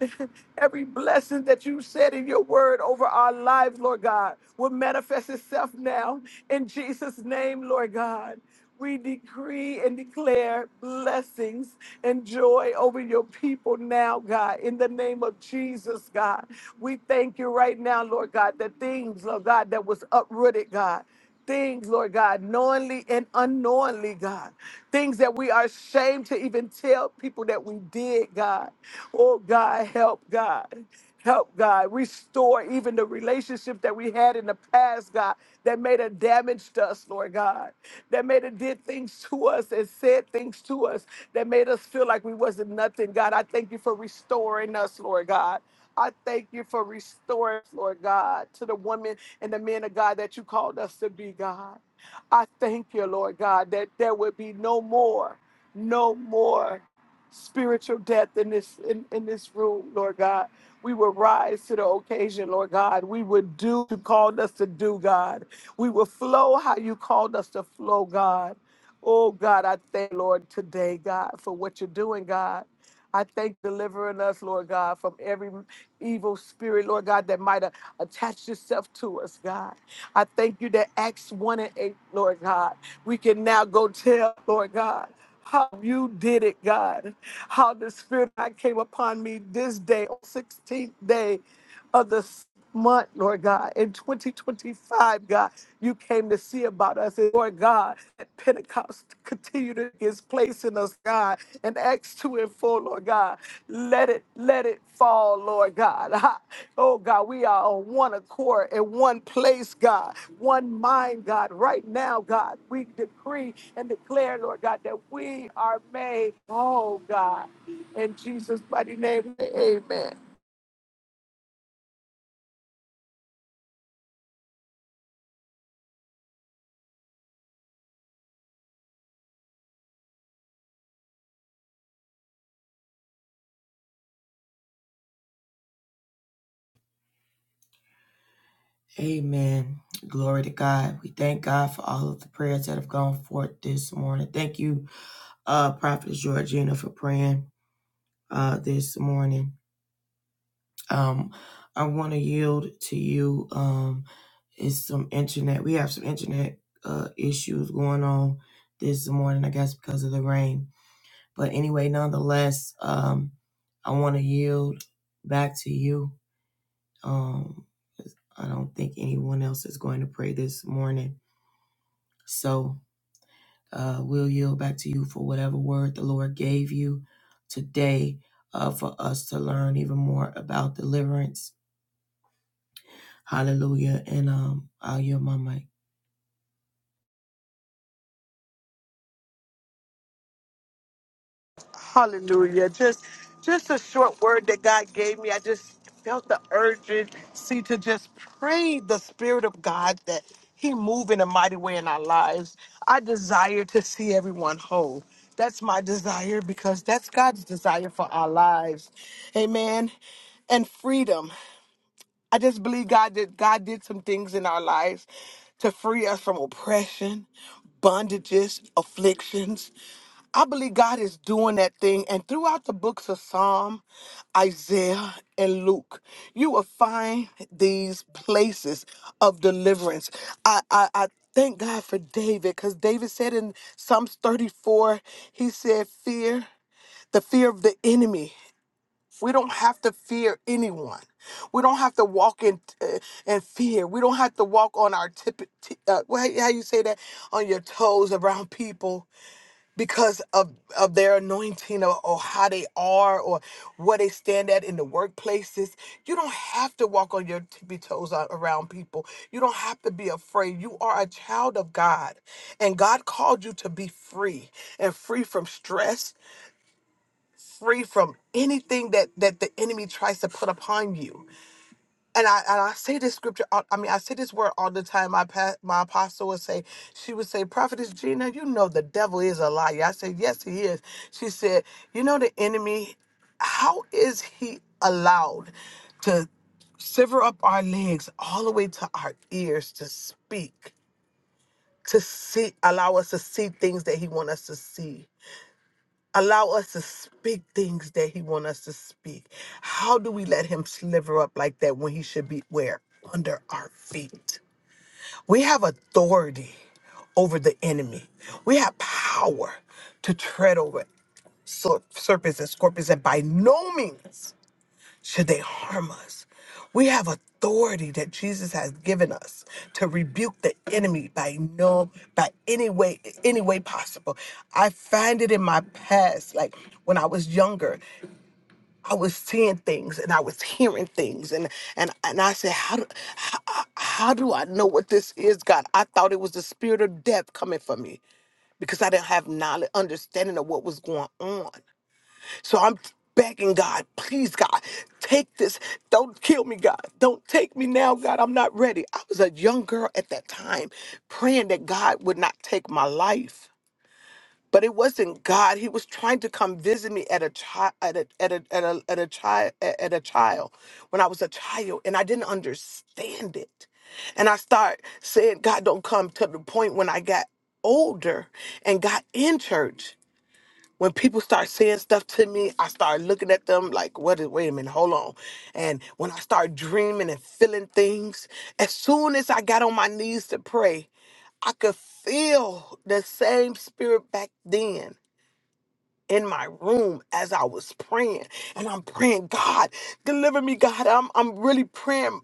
Speaker 2: [LAUGHS] Every blessing that you said in your word over our lives, Lord God, will manifest itself now in Jesus' name, Lord God. We decree and declare blessings and joy over your people now, God, in the name of Jesus, God. We thank you right now, Lord God, that things, Lord God, that was uprooted, God. Things, Lord God, knowingly and unknowingly, God. Things that we are ashamed to even tell people that we did, God. Oh, God, help, God. Help, God. Restore even the relationship that we had in the past, God, that may have damaged us, Lord God, that may have did things to us and said things to us that made us feel like we wasn't nothing, God. I thank you for restoring us, Lord God. I thank you for restoring, us, Lord God, to the woman and the men of God that you called us to be, God. I thank you, Lord God, that there would be no more, no more spiritual death in this in, in this room, Lord God. We will rise to the occasion, Lord God. We would do what you called us to do, God. We will flow how you called us to flow, God. Oh God, I thank you, Lord today, God, for what you're doing, God. I thank you for delivering us, Lord God, from every evil spirit, Lord God, that might have attached itself to us, God. I thank you that Acts 1 and 8, Lord God, we can now go tell, Lord God, how you did it, God. How the Spirit of God came upon me this day, on 16th day of this month, Lord God. In 2025, God, you came to see about us. And Lord God, that Pentecost continue to take its place in us, God. And Acts 2 and 4, Lord God. Let it, let it fall, Lord God. [LAUGHS] Ha. Oh God, we are on one accord in one place, God, one mind, God. Right now, God, we decree and declare, Lord God, that we are made whole, God. In Jesus' mighty name, amen.
Speaker 1: Amen. Glory to God. We thank God for all of the prayers that have gone forth this morning. Thank you, uh, Prophetess Georgina, for praying. uh, this morning. Um, I want to yield to you. Um, it's some internet. We have some internet uh, issues going on this morning, I guess, because of the rain. But anyway, nonetheless, um, I want to yield back to you. Um, I don't think anyone else is going to pray this morning. So uh, we'll yield back to you for whatever word the Lord gave you today uh, for us to learn even more about deliverance Hallelujah. And um, I'll yield my mic.
Speaker 2: Hallelujah. Just just a short word that God gave me. I just felt the urgency to just pray the spirit of God that he move in a mighty way in our lives. I desire to see everyone whole. That's my desire because that's God's desire for our lives. Amen. And freedom. I just believe God did God did some things in our lives to free us from oppression, bondages, afflictions I believe God is doing that thing. And throughout the books of Psalm, Isaiah, and Luke, you will find these places of deliverance. I, I, I thank God for David because David said in Psalms 34, he said, Fear, the fear of the enemy. We don't have to fear anyone. We don't have to walk in uh, in fear. We don't have to walk on our tip, t- uh, wha- how you say that on your toes around people because of of their anointing or, or how they are or what they stand at in the workplaces you don't have to walk on your tippy toes a- around people you don't have to be afraid you are a child of god and god called you to be free and free from stress free from anything that that the enemy tries to put upon you and I and I say this scripture. all- I mean, I say this word all the time. My pa- my apostle would say, she would say, Prophetess Gina, you know the devil is a liar. I said, yes, he is. She said, you know the enemy. How is he allowed to sever up our legs all the way to our ears to speak, to see, allow us to see things that he want us to see? allow us to speak things that he want us to speak how do we let him sliver up like that when he should be where under our feet we have authority over the enemy we have power to tread over ser- serpents and scorpions and by no means should they harm us. We have authority that Jesus has given us to rebuke the enemy by no by any way any way possible. I find it in my past like when I was younger, I was seeing things and I was hearing things and and and I said how do, how, how do I know what this is, God? I thought it was the spirit of death coming for me because I didn't have knowledge understanding of what was going on. So I'm begging God, please, God, take this. Don't kill me, God. Don't take me now, God. I'm not ready. I was a young girl at that time praying that God would not take my life. But it wasn't God. He was trying to come visit me at a child at a at a at a at a child at a child when I was a child and I didn't understand it. And I start saying, God don't come to the point when I got older and got in church when people start saying stuff to me, I start looking at them like, what is, wait a minute, hold on. And when I start dreaming and feeling things, as soon as I got on my knees to pray, I could feel the same spirit back then in my room as I was praying. And I'm praying, God, deliver me, God. I'm, I'm really praying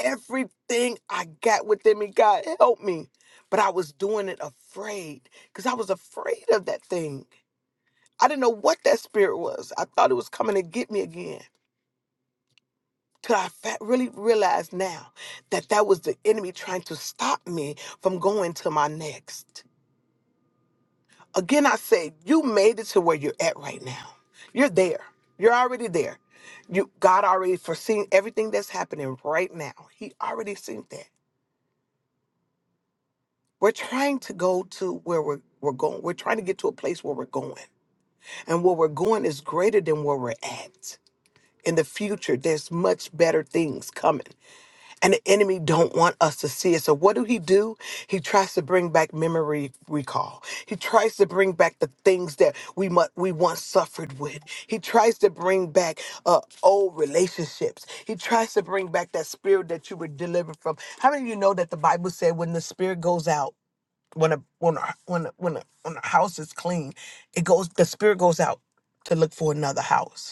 Speaker 2: everything I got within me. God, help me. But I was doing it afraid because I was afraid of that thing. I didn't know what that spirit was. I thought it was coming to get me again. Till I fa- really realized now that that was the enemy trying to stop me from going to my next. Again, I say, you made it to where you're at right now. You're there. You're already there. You God already foreseen everything that's happening right now. He already seen that. We're trying to go to where we're, we're going. We're trying to get to a place where we're going. And where we're going is greater than where we're at. in the future there's much better things coming and the enemy don't want us to see it so what do he do he tries to bring back memory recall he tries to bring back the things that we mu- we once suffered with he tries to bring back uh, old relationships he tries to bring back that spirit that you were delivered from how many of you know that the bible said when the spirit goes out when a when a, when a, when a, when a house is clean it goes the spirit goes out to look for another house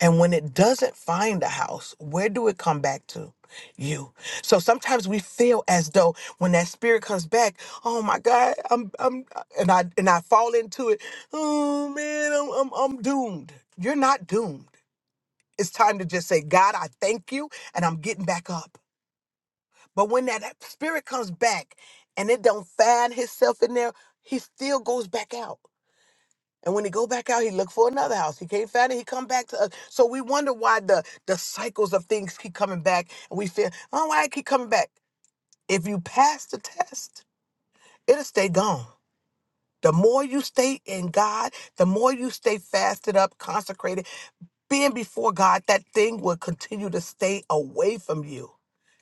Speaker 2: and when it doesn't find a house, where do it come back to? You. So sometimes we feel as though when that spirit comes back, oh my God, I'm I'm and I and I fall into it. Oh man, I'm I'm, I'm doomed. You're not doomed. It's time to just say, God, I thank you, and I'm getting back up. But when that spirit comes back and it don't find himself in there, he still goes back out. And when he go back out, he look for another house. He can't find it. He come back to us. So we wonder why the the cycles of things keep coming back, and we feel, oh, why it keep coming back? If you pass the test, it'll stay gone. The more you stay in God, the more you stay fasted up, consecrated, being before God, that thing will continue to stay away from you.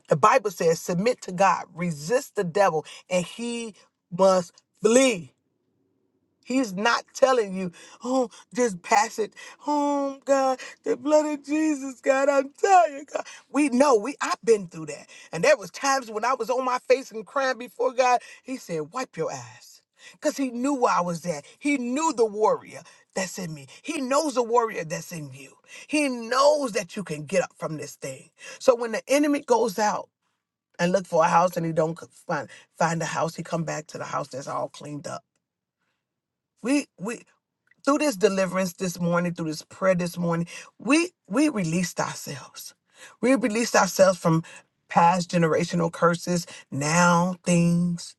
Speaker 2: The Bible says, submit to God, resist the devil, and he must flee. He's not telling you, oh, just pass it. Oh God, the blood of Jesus, God, I'm telling you, God. We know we I've been through that. And there was times when I was on my face and crying before God. He said, wipe your eyes. Because he knew where I was at. He knew the warrior that's in me. He knows the warrior that's in you. He knows that you can get up from this thing. So when the enemy goes out and look for a house and he don't find find a house, he come back to the house that's all cleaned up. We we through this deliverance this morning, through this prayer this morning, we we released ourselves. We released ourselves from past generational curses, now things,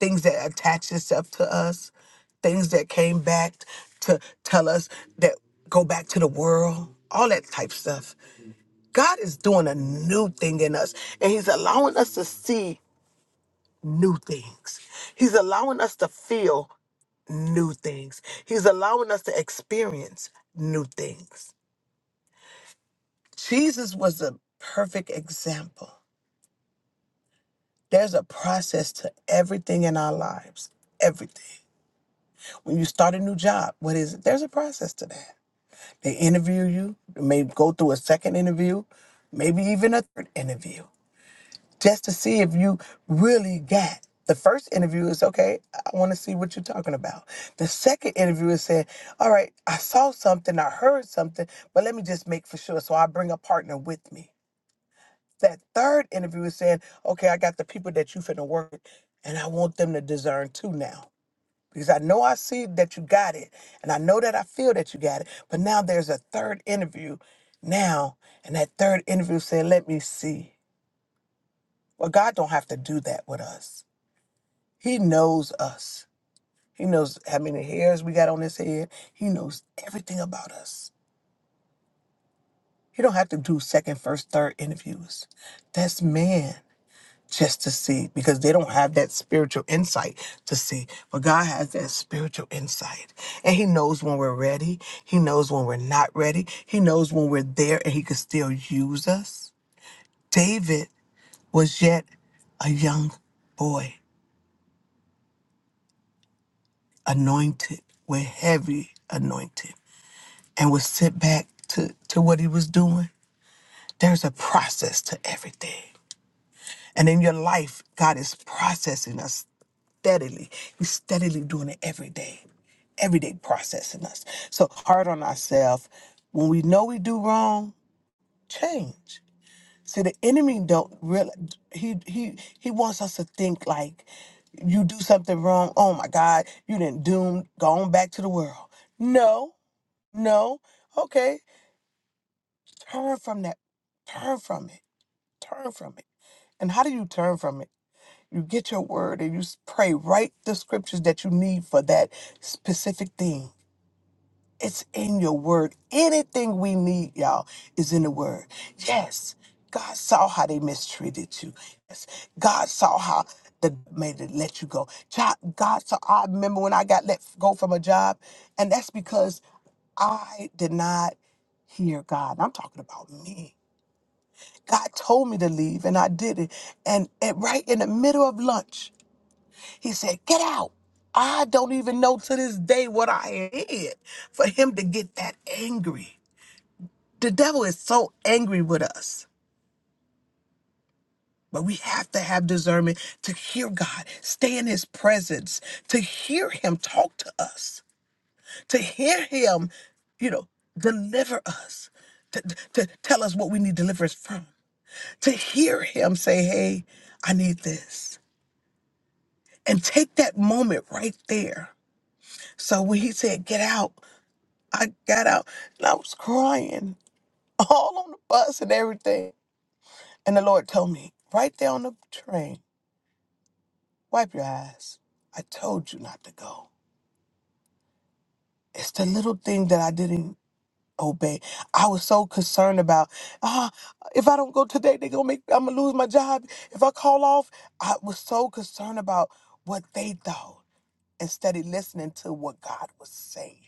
Speaker 2: things that attach itself to us, things that came back to tell us that go back to the world, all that type stuff. God is doing a new thing in us, and He's allowing us to see new things. He's allowing us to feel new things. He's allowing us to experience new things. Jesus was a perfect example. There's a process to everything in our lives, everything. When you start a new job, what is it? There's a process to that. They interview you, you may go through a second interview, maybe even a third interview. just to see if you really got. The first interview is okay, I want to see what you're talking about. The second interview is saying, all right, I saw something, I heard something, but let me just make for sure. So I bring a partner with me. That third interview is saying, okay, I got the people that you finna work with, and I want them to discern too now. Because I know I see that you got it, and I know that I feel that you got it, but now there's a third interview now, and that third interview said, let me see. Well, God don't have to do that with us. He knows us. He knows how many hairs we got on his head. He knows everything about us. He don't have to do second, first, third interviews. That's man just to see because they don't have that spiritual insight to see. But God has that spiritual insight. And he knows when we're ready. He knows when we're not ready. He knows when we're there and he can still use us. David was yet a young boy anointed with heavy anointing and would sit back to, to what he was doing, there's a process to everything. And in your life, God is processing us steadily. He's steadily doing it every day, every day processing us. So hard on ourselves. When we know we do wrong, change. See, the enemy don't really. He he he wants us to think like you do something wrong. Oh my God, you didn't doom gone back to the world. No, no. Okay, Turn from that. Turn from it. Turn from it. And how do you turn from it? You get your word and you s- pray, write the scriptures that you need for that specific thing. It's in your word. Anything we need, y'all, is in the word. Yes, God saw how they mistreated you. Yes, God saw how the made it let you go. God, God saw. I remember when I got let go from a job, and that's because I did not hear God. I'm talking about me. God told me to leave and I did it. And, and right in the middle of lunch, he said, Get out. I don't even know to this day what I did for him to get that angry. The devil is so angry with us. But we have to have discernment to hear God, stay in his presence, to hear him talk to us, to hear him, you know, deliver us, to, to tell us what we need deliverance from, to hear him say, hey, I need this. and take that moment right there. So when he said, Get out, I got out and I was crying [LAUGHS] all on the bus and everything. And the Lord told me, Right there on the train, wipe your eyes. I told you not to go. It's the little thing that I didn't obey. I was so concerned about, ah, if I don't go today, they're gonna make I'm gonna lose my job. If I call off, I was so concerned about what they thought instead of listening to what God was saying.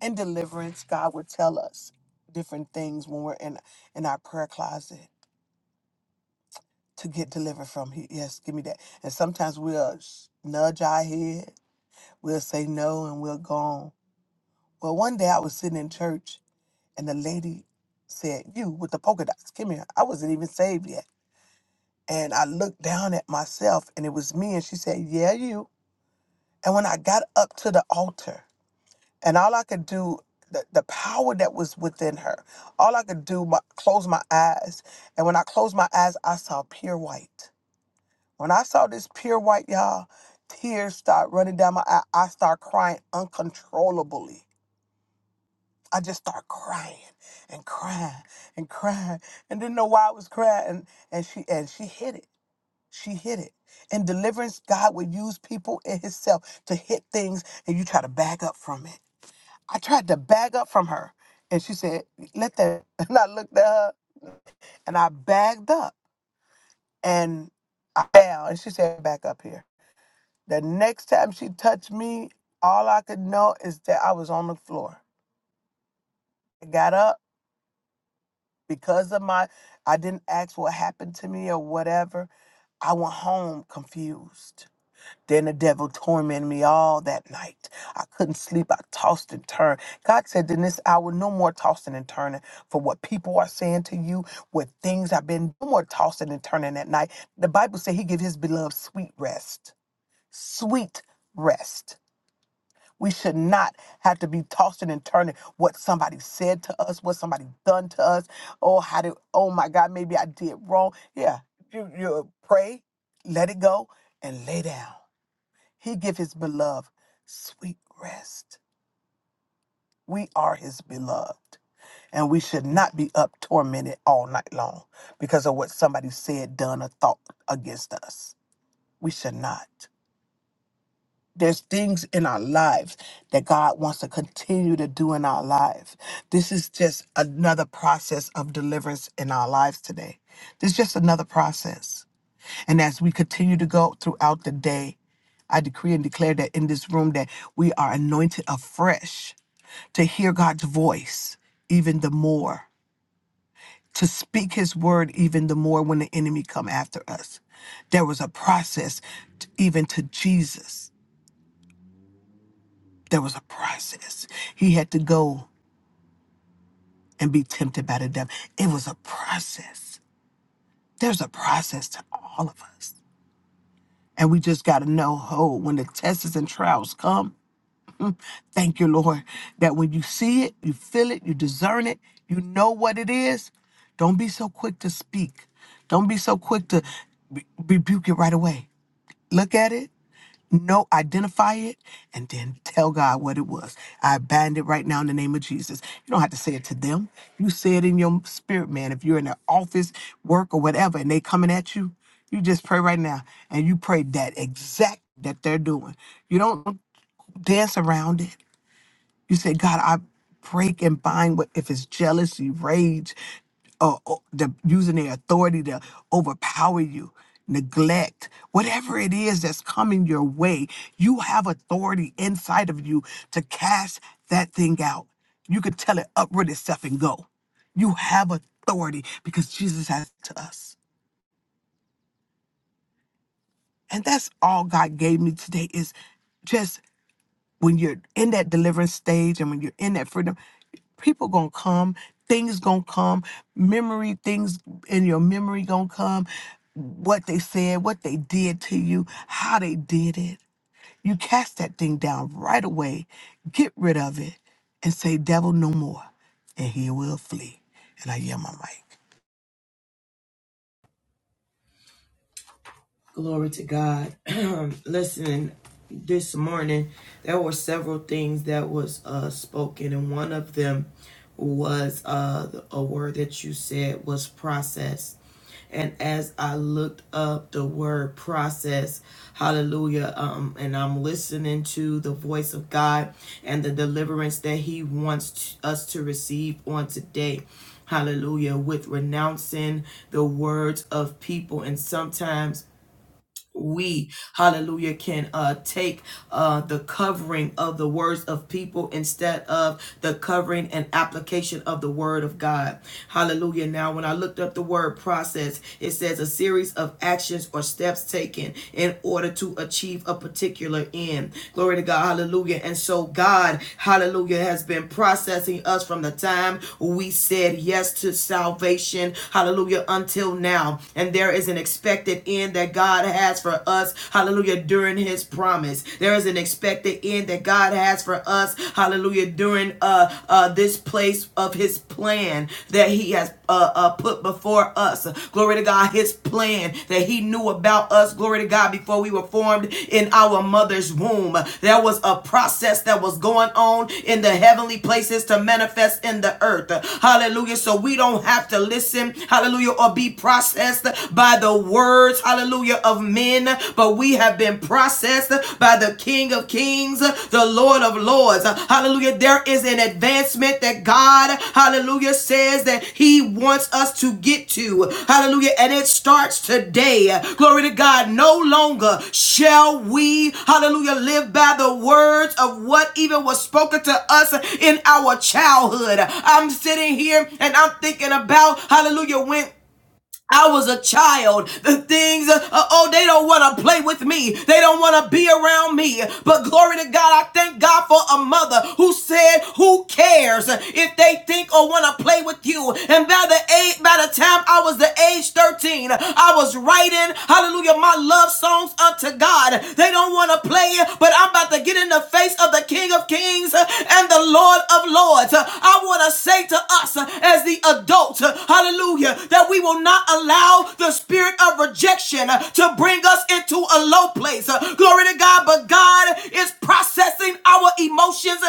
Speaker 2: in deliverance, God would tell us different things when we're in in our prayer closet to get delivered from. He, yes, give me that. And sometimes we'll sh- nudge our head, we'll say no, and we'll go on. Well, one day I was sitting in church, and the lady said, "You with the polka dots, come here." I wasn't even saved yet, and I looked down at myself, and it was me. And she said, "Yeah, you." And when I got up to the altar. and all I could do the, the power that was within her all I could do my close my eyes and when I closed my eyes I saw pure white when I saw this pure white y'all tears start running down my eye I start crying uncontrollably I just start crying and crying and crying and didn't know why I was crying and, and she and she hit it she hit it In deliverance God would use people in himself to hit things and you try to back up from it I tried to bag up from her. And she said, let that. [LAUGHS] And I looked at her and I bagged up and I fell. And she said, back up here. The next time she touched me, all I could know is that I was on the floor. I got up because of my, I didn't ask what happened to me or whatever. I went home confused. Then the devil tormented me all that night. I couldn't sleep. I tossed and turned. God said, in this hour, no more tossing and turning for what people are saying to you, what things have been, no more tossing and turning at night. The Bible said he give his beloved sweet rest. Sweet rest. We should not have to be tossing and turning what somebody said to us, what somebody done to us. Oh, how did, oh my God, maybe I did wrong. Yeah, you, you pray, let it go, and lay down he give his beloved sweet rest. We are his beloved. And we should not be up tormented all night long because of what somebody said, done, or thought against us. We should not. There's things in our lives that God wants to continue to do in our life. This is just another process of deliverance in our lives today. This is just another process. And as we continue to go throughout the day, I decree and declare that in this room that we are anointed afresh to hear God's voice even the more, to speak his word even the more when the enemy come after us. There was a process t- even to Jesus. There was a process. He had to go and be tempted by the devil. It was a process. There's a process to all of us. And we just got to know, oh, when the tests and trials come, Thank you, Lord, that when you see it, you feel it, you discern it, you know what it is. Don't be so quick to speak. Don't be so quick to re- rebuke it right away. Look at it, know, identify it, and then tell God what it was. I bind it right now in the name of Jesus. You don't have to say it to them. You say it in your spirit, man. If you're in the office, work, or whatever, and they coming at you, you just pray right now, and you pray that exact that they're doing. You don't dance around it. You say, God, I break and bind what if it's jealousy, rage, or, or the, using their authority to overpower you, neglect, whatever it is that's coming your way, you have authority inside of you to cast that thing out. You can tell it uproot itself and go. You have authority because Jesus has it to us. And that's all God gave me today is just when you're in that deliverance stage and when you're in that freedom, people gonna come, things gonna come, memory things in your memory gonna come, what they said, what they did to you, how they did it. You cast that thing down right away, get rid of it, and say, "Devil, no more," and he will flee. And I yell my mic.
Speaker 1: Glory to God. [CLEARS THROAT] Listen, this morning there were several things that was uh, spoken, and one of them was uh, a word that you said was process. And as I looked up the word process, hallelujah, um, and I'm listening to the voice of God and the deliverance that He wants t- us to receive on today. Hallelujah, with renouncing the words of people. And sometimes we hallelujah can uh take uh the covering of the words of people instead of the covering and application of the word of god hallelujah now when i looked up the word process it says a series of actions or steps taken in order to achieve a particular end glory to god hallelujah and so god hallelujah has been processing us from the time we said yes to salvation hallelujah until now and there is an expected expected end that God has for us. Hallelujah. During his promise. There is an expected end that God has for us. Hallelujah. During uh uh this place of his plan that he has uh, uh put before us. Glory to God, his plan that he knew about us. Glory to God, before we were formed in our mother's womb. There was a process that was going on in the heavenly places to manifest in the earth. Hallelujah. So we don't have to listen, hallelujah, or be processed, processed by the words, hallelujah, of men, but we have been processed by the King of Kings, the Lord of Lords. Hallelujah. There is an advancement that God, hallelujah, says that He wants us to get to. Hallelujah. And it starts today. Glory to God. No longer shall we, hallelujah, live by the words of what even was spoken to us in our childhood. I'm sitting here and I'm thinking about, hallelujah, when I was a child. The things, uh, oh, they don't want to play with me. They don't want to be around me. But glory to God, I thank God for a mother who said, who cares if they think or want to play with you. And by the age, by the time I was the age 13, I was writing, hallelujah, my love songs unto God. They don't want to play, but I'm about to get in the face of the King of Kings uh, and the Lord of Lords. Uh, I want to say to us uh, as the adults, uh, hallelujah, that we will not allow the spirit of rejection to bring us into a low place. Glory to God, but God is processing our emotions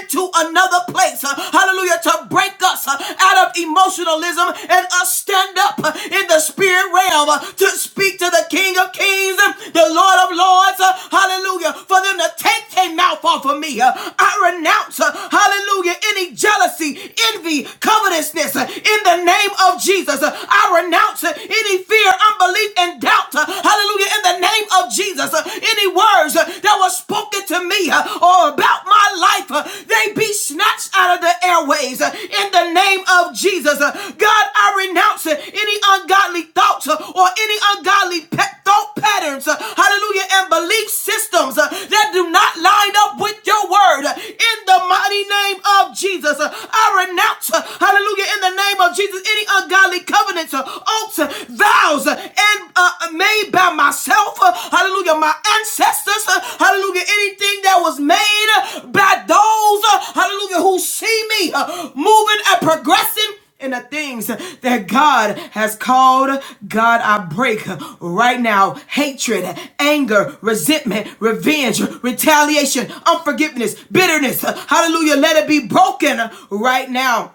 Speaker 1: into another place. Hallelujah, to break us out of emotionalism and us stand up in the spirit realm to speak to the King of Kings, the Lord of Lords. Hallelujah, for them to take their mouth off of me. I renounce, hallelujah, any jealousy, envy, covetousness in the name name of Jesus. Uh, I renounce uh, any fear, unbelief, and doubt. Uh, Hallelujah. In the name of Jesus. Uh, Any words uh, that were spoken to me uh, or about my life, uh, they be snatched out of the airways. Uh, In the name of Jesus. Uh, God, I renounce uh, any ungodly thoughts uh, or any ungodly pe- thought patterns. uh, Hallelujah. And belief systems uh, that do not line up with your word. Uh, In the mighty name of Jesus. uh, I renounce. uh, Hallelujah in the name of Jesus any ungodly covenants, uh, oaths, uh, vows, uh, and uh, uh, made by myself, uh, hallelujah, my ancestors, uh, hallelujah, anything that was made uh, by those, uh, hallelujah, who see me uh, moving and progressing in the things that God has called. God, I break right now hatred, anger, resentment, revenge, retaliation, unforgiveness, bitterness. Hallelujah. Let it be broken right now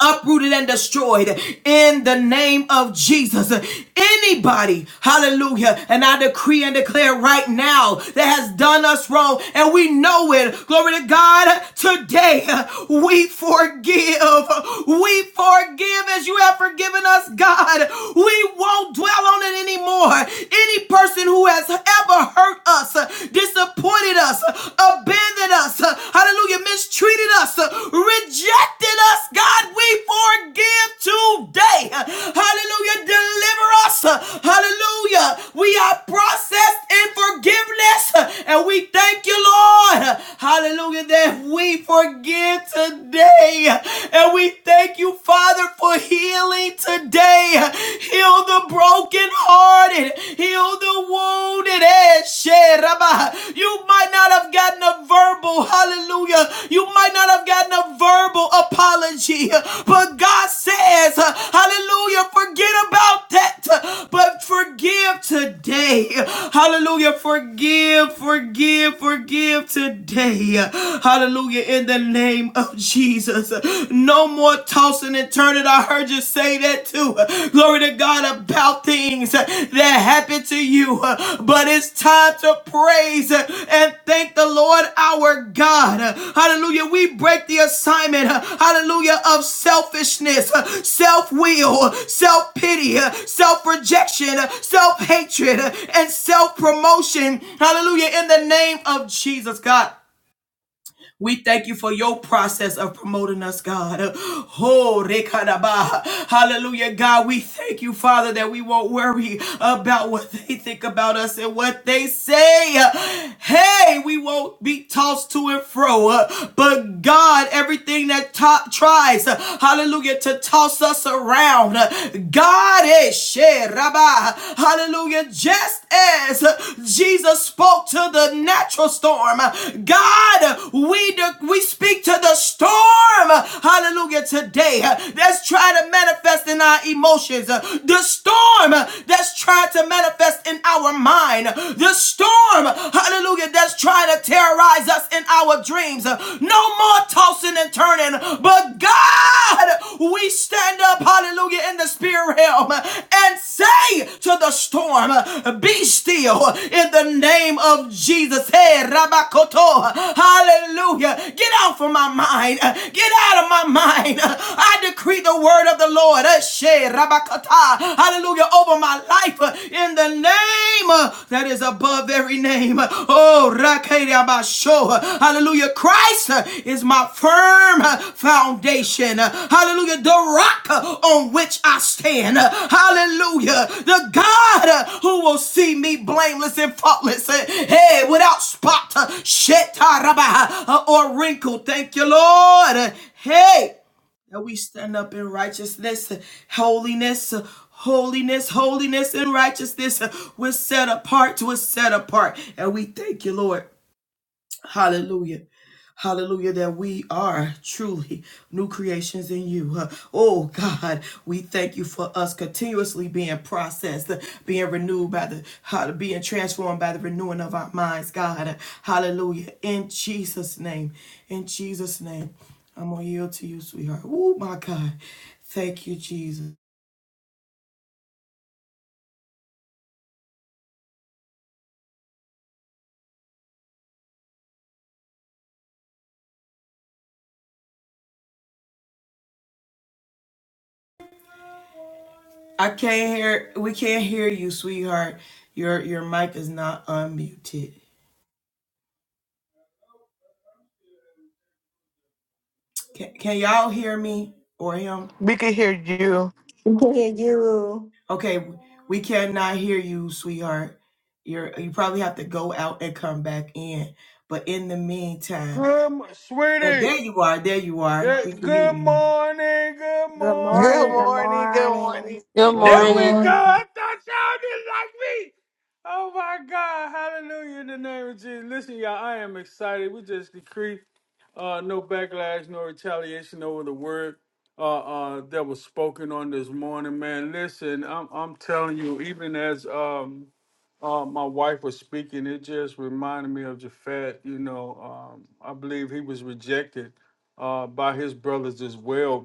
Speaker 1: uprooted and destroyed in the name of Jesus. Anybody, hallelujah, and I decree and declare right now that has done us wrong and we know it. Glory to God, today we forgive. We forgive as you have forgiven us, God. We won't dwell on it anymore. Any person who has ever hurt us, disappointed us, abandoned us, uh, hallelujah, mistreated us, uh, rejected us, God, we forgive today. Uh, Hallelujah, deliver us. Uh, Hallelujah, we are processed in forgiveness, Uh, and we thank you, Lord. Uh, Hallelujah, that we forgive today, Uh, and we thank you, Father, for healing today. Uh, Heal the broken brokenhearted. David healed the wounded. Eh, shit, You might not have gotten a verbal hallelujah. You might not have gotten a verbal apology. But God says, hallelujah, forget about that. But forgive today. Hallelujah. Forgive, forgive, forgive today. Hallelujah. In the name of Jesus. No more tossing Wilson and Turner, I heard you say that too. Glory to God about things that happen to you. But it's time to praise and thank the Lord our God. Hallelujah. We break the assignment, hallelujah, of selfishness, self will, self pity, self rejection, self hatred, and self promotion. Hallelujah. In the name of Jesus, God. We thank you for your process of promoting us, God. [GASPS] Oh, rekadaba. hallelujah, God. We thank you, Father, that we won't worry about what they think about us and what they say. Hey, we won't be tossed to and fro. Uh, But God, everything that top tries, uh, hallelujah, to toss us around, uh, God is share. Hallelujah. Just as Jesus spoke to the natural storm, God, we, we speak to the storm. Hallelujah. Today, that's trying to manifest in our emotions. The storm that's trying to manifest in our mind. The storm, hallelujah, that's trying to terrorize us in our dreams. No more tossing tossing and turning. But God, we stand up, hallelujah, in the spirit realm and say to the storm, be still in the name of Jesus. Hey, Rabakoto, hallelujah. Get out from my mind. Get out of my mind. I decree the word of the Lord, Eshe Rabakata, hallelujah, over my life in the name name uh, that is above every name. Oh, Rakadabasho. Hallelujah. Christ uh, is my firm uh, foundation. Uh, Hallelujah. The rock uh, on which I stand. Uh, Hallelujah. The God uh, who will see me blameless and faultless. Uh, Hey, without spot, uh, uh, or wrinkle. Thank you, Lord. Uh, Hey that we stand up in righteousness, holiness, holiness, holiness, and righteousness. We're set apart, we're set apart. And we thank you, Lord. Hallelujah. Hallelujah, that we are truly new creations in you. Uh, Oh God, we thank you for us continuously being processed, uh, being renewed by the, how being transformed by the renewing of our minds, God. Uh, Hallelujah. In Jesus' name, in Jesus' name, I'm going to yield to you, sweetheart. Oh my God. Thank you, Jesus. I can't hear, we can't hear you, sweetheart. Your, your mic is not unmuted. Can, can y'all hear me or him?
Speaker 2: We can hear you.
Speaker 3: Hear you.
Speaker 1: Okay, we cannot hear you, sweetheart. You're you probably have to go out and come back in. But in the meantime,
Speaker 4: Good, mo-
Speaker 1: uh,
Speaker 4: sweetie.
Speaker 1: there you are, there you are.
Speaker 4: Yeah,
Speaker 1: We can hear
Speaker 4: Good
Speaker 1: you.
Speaker 4: morning. Good
Speaker 3: Good
Speaker 2: Good
Speaker 3: morning.
Speaker 4: morning.
Speaker 3: Good
Speaker 2: morning. Good
Speaker 3: morning.
Speaker 2: morning.
Speaker 5: Good
Speaker 6: Good
Speaker 1: Good
Speaker 4: There
Speaker 5: morning.
Speaker 4: we go.
Speaker 6: morning.
Speaker 1: morning.
Speaker 4: I thought y'all didn't like me. Oh my God. Hallelujah in the name of Jesus. Listen, y'all, I am excited. We just decree uh, no backlash, no retaliation over the word uh, uh, that was spoken on this morning, man. Listen, I'm, I'm telling you, even as um, uh, my wife was speaking, it just reminded me of Japhet. You know, um, I believe he was rejected uh, by his brothers as well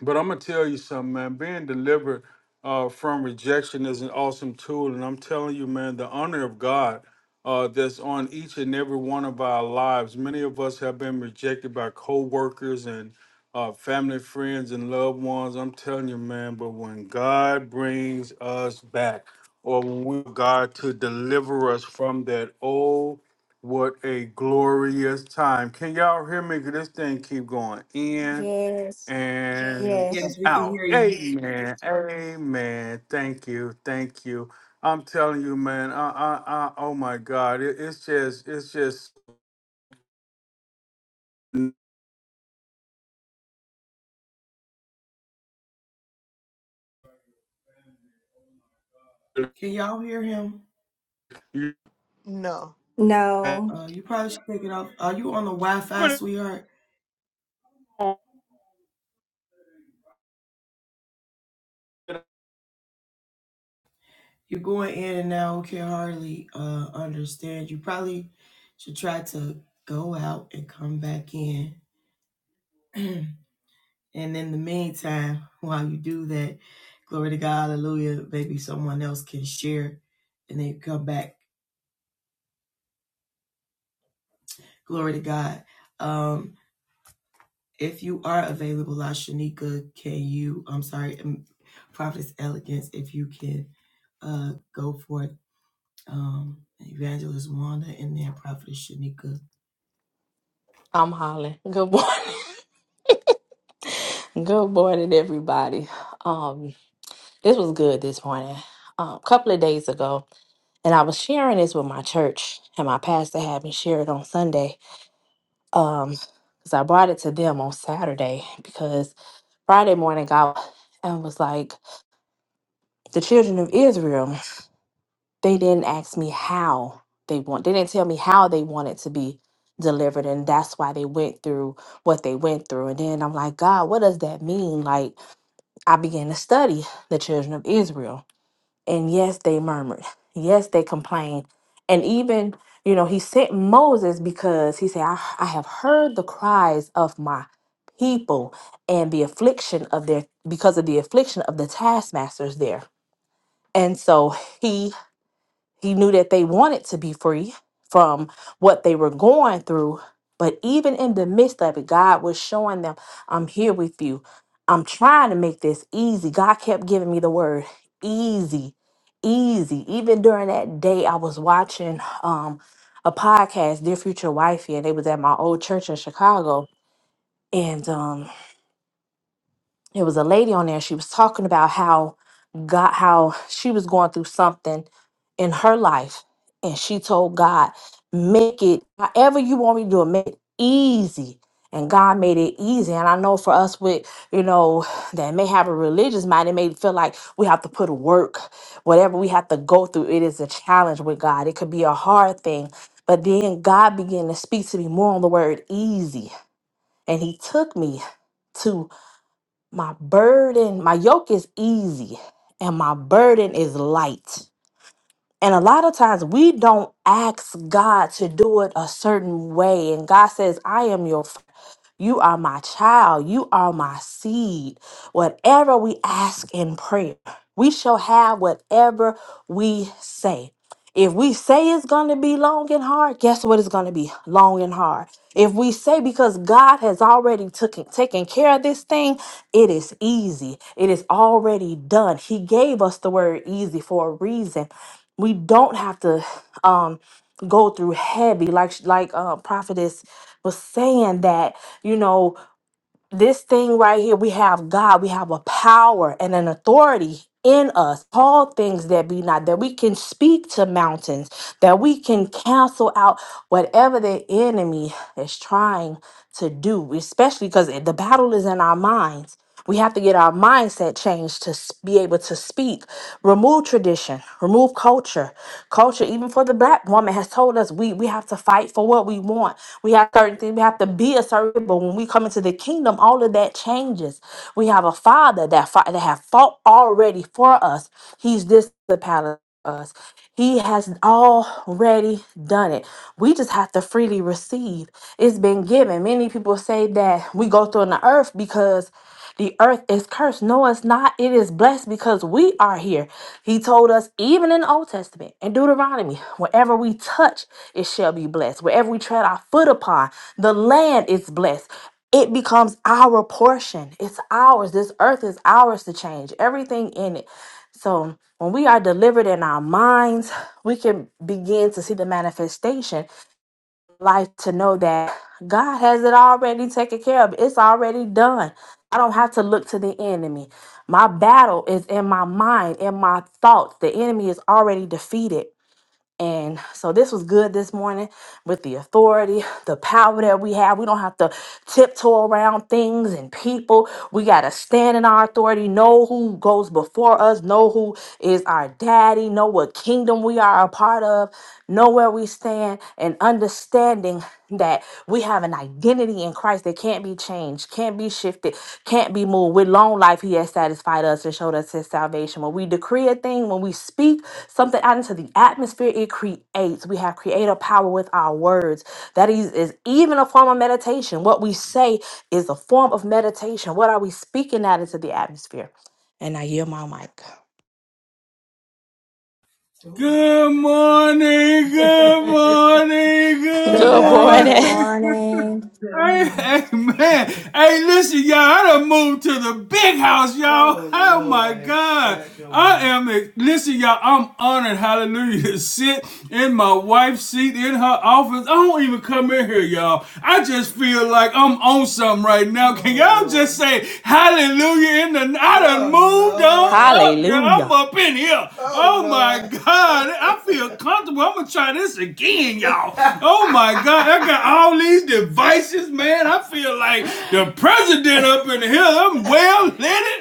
Speaker 4: but I'm gonna tell you something, man. Being delivered uh, from rejection is an awesome tool, and I'm telling you, man, the honor of God uh, that's on each and every one of our lives. Many of us have been rejected by coworkers and uh, family, friends, and loved ones. I'm telling you, man. But when God brings us back, or when we God to deliver us from that, oh, what a glorious time! Can y'all hear me? 'Cause This thing keep going in
Speaker 3: Yes.
Speaker 4: and
Speaker 3: Yes.
Speaker 1: Yes, we can
Speaker 4: out.
Speaker 1: hear you.
Speaker 4: Amen. Amen. Thank you. Thank you. I'm telling you, man. I, I, I oh my God. It, it's just, it's just.
Speaker 1: Can y'all hear him?
Speaker 4: You
Speaker 2: No.
Speaker 3: No.
Speaker 1: Uh, you probably should take it off. Are you on the Wi-Fi, sweetheart? You're going in and out. Can hardly uh understand. You probably should try to go out and come back in. [CLEARS THROAT] And in the meantime, while you do that, glory to God, hallelujah, maybe someone else can share and they come back. Glory to God. Um, if you are available, La can you, I'm sorry, um, Prophetess Elegance, if you can uh, go for it. Um, Evangelist Wanda and then Prophetess Shanika.
Speaker 6: I'm Holly. Good morning. [LAUGHS] Good morning, everybody. Um, this was good this morning. Um, a couple of days ago, and I was sharing this with my church, and my pastor had me share it on Sunday. Um, because I brought it to them on Saturday because Friday morning God and was like, the children of Israel. they didn't ask me how they want they didn't tell me how they wanted to be delivered and that's why they went through what they went through and then i'm like god what does that mean like i began to study the children of israel and yes they murmured yes they complained and even you know he sent moses because he said i, I have heard the cries of my people and the affliction of their because of the affliction of the taskmasters there and so He. He knew that they wanted to be free from what they were going through. But even in the midst of it, God was showing them, I'm here with you. I'm trying to make this easy. God kept giving me the word easy, easy. Even during that day, I was watching um, a podcast, Dear Future Wifey, and they was at my old church in Chicago. And um, it was a lady on there she was talking about how god how she was going through something in her life and she told god make it however you want me to do it make it easy and god made it easy and i know for us with you know that may have a religious mind it may feel like we have to put work whatever we have to go through it is a challenge with god it could be a hard thing but then god began to speak to me more on the word easy and he took me to. My burden, my yoke is easy and my burden is light. And a lot of times we don't ask God to do it a certain way. And God says, I am your you are my child. You are my seed. Whatever we ask in prayer, we shall have whatever we say. If we say it's going to be long and hard, guess what? It's going to be long and hard. If we say because God has already took, taken care of this thing, it is easy. It is already done. He gave us the word easy for a reason. We don't have to um, go through heavy, like like uh, prophetess was saying that you know, this thing right here, we have God, we have a power and an authority in us, all things that be not, that we can speak to mountains, that we can cancel out whatever the enemy is trying to do, especially because the battle is in our minds we have to get our mindset changed to s- be able to speak. Remove tradition, remove culture. Culture, even for the black woman, has told us we, we have to fight for what we want. We have certain things, we have to be a certain, but when we come into the kingdom, all of that changes. We have a father that, fought, that have fought already for us. He's this the palace us. He has already done it. We just have to freely receive. It's been given. Many people say that we go through on the earth because the earth is cursed. No, it's not. It is blessed because we are here. He told us, even in the Old Testament, in Deuteronomy, wherever we touch, it shall be blessed. Wherever we tread our foot upon, the land is blessed. It becomes our portion. It's ours. This earth is ours to change. Everything in it. So when we are delivered in our minds, we can begin to see the manifestation life to know that God has it already taken care of. It's already done. I don't have to look to the enemy. My battle is in my mind, in my thoughts. The enemy is already defeated. And so this was good this morning with the authority, the power that we have. We don't have to tiptoe around things and people. We got to stand in our authority, know who goes before us, know who is our daddy, know what kingdom we are a part of, know where we stand, and understanding that we have an identity in Christ that can't be changed, can't be shifted, can't be moved. With long life, He has satisfied us and showed us His salvation. When we decree a thing, when we speak something out into the atmosphere, it creates. We have creative power with our words. That is, is even a form of meditation. What we say is a form of meditation. What are we speaking out into the atmosphere? And I yield my mic.
Speaker 1: Good morning, good morning,
Speaker 3: Good
Speaker 1: good
Speaker 6: Good boy.
Speaker 5: Good
Speaker 3: morning. Good
Speaker 1: morning.
Speaker 5: morning.
Speaker 1: [LAUGHS]
Speaker 3: morning.
Speaker 1: Hey, hey, man. Hey, listen, y'all. I done moved to the big house, y'all. Oh, Oh, my God. I man. am, a, listen, y'all. I'm honored, hallelujah, to sit in my wife's seat in her office. I don't even come in here, y'all. I just feel like I'm on something right now. Can y'all just say hallelujah in the, I done Oh, moved on up, up, girl. I'm
Speaker 6: Hallelujah.
Speaker 1: up in here. Oh Oh my Lord. God. I feel comfortable. I'm gonna try this again, y'all. Oh my God. I got all these devices, man. I feel like the president up in here. I'm well lit.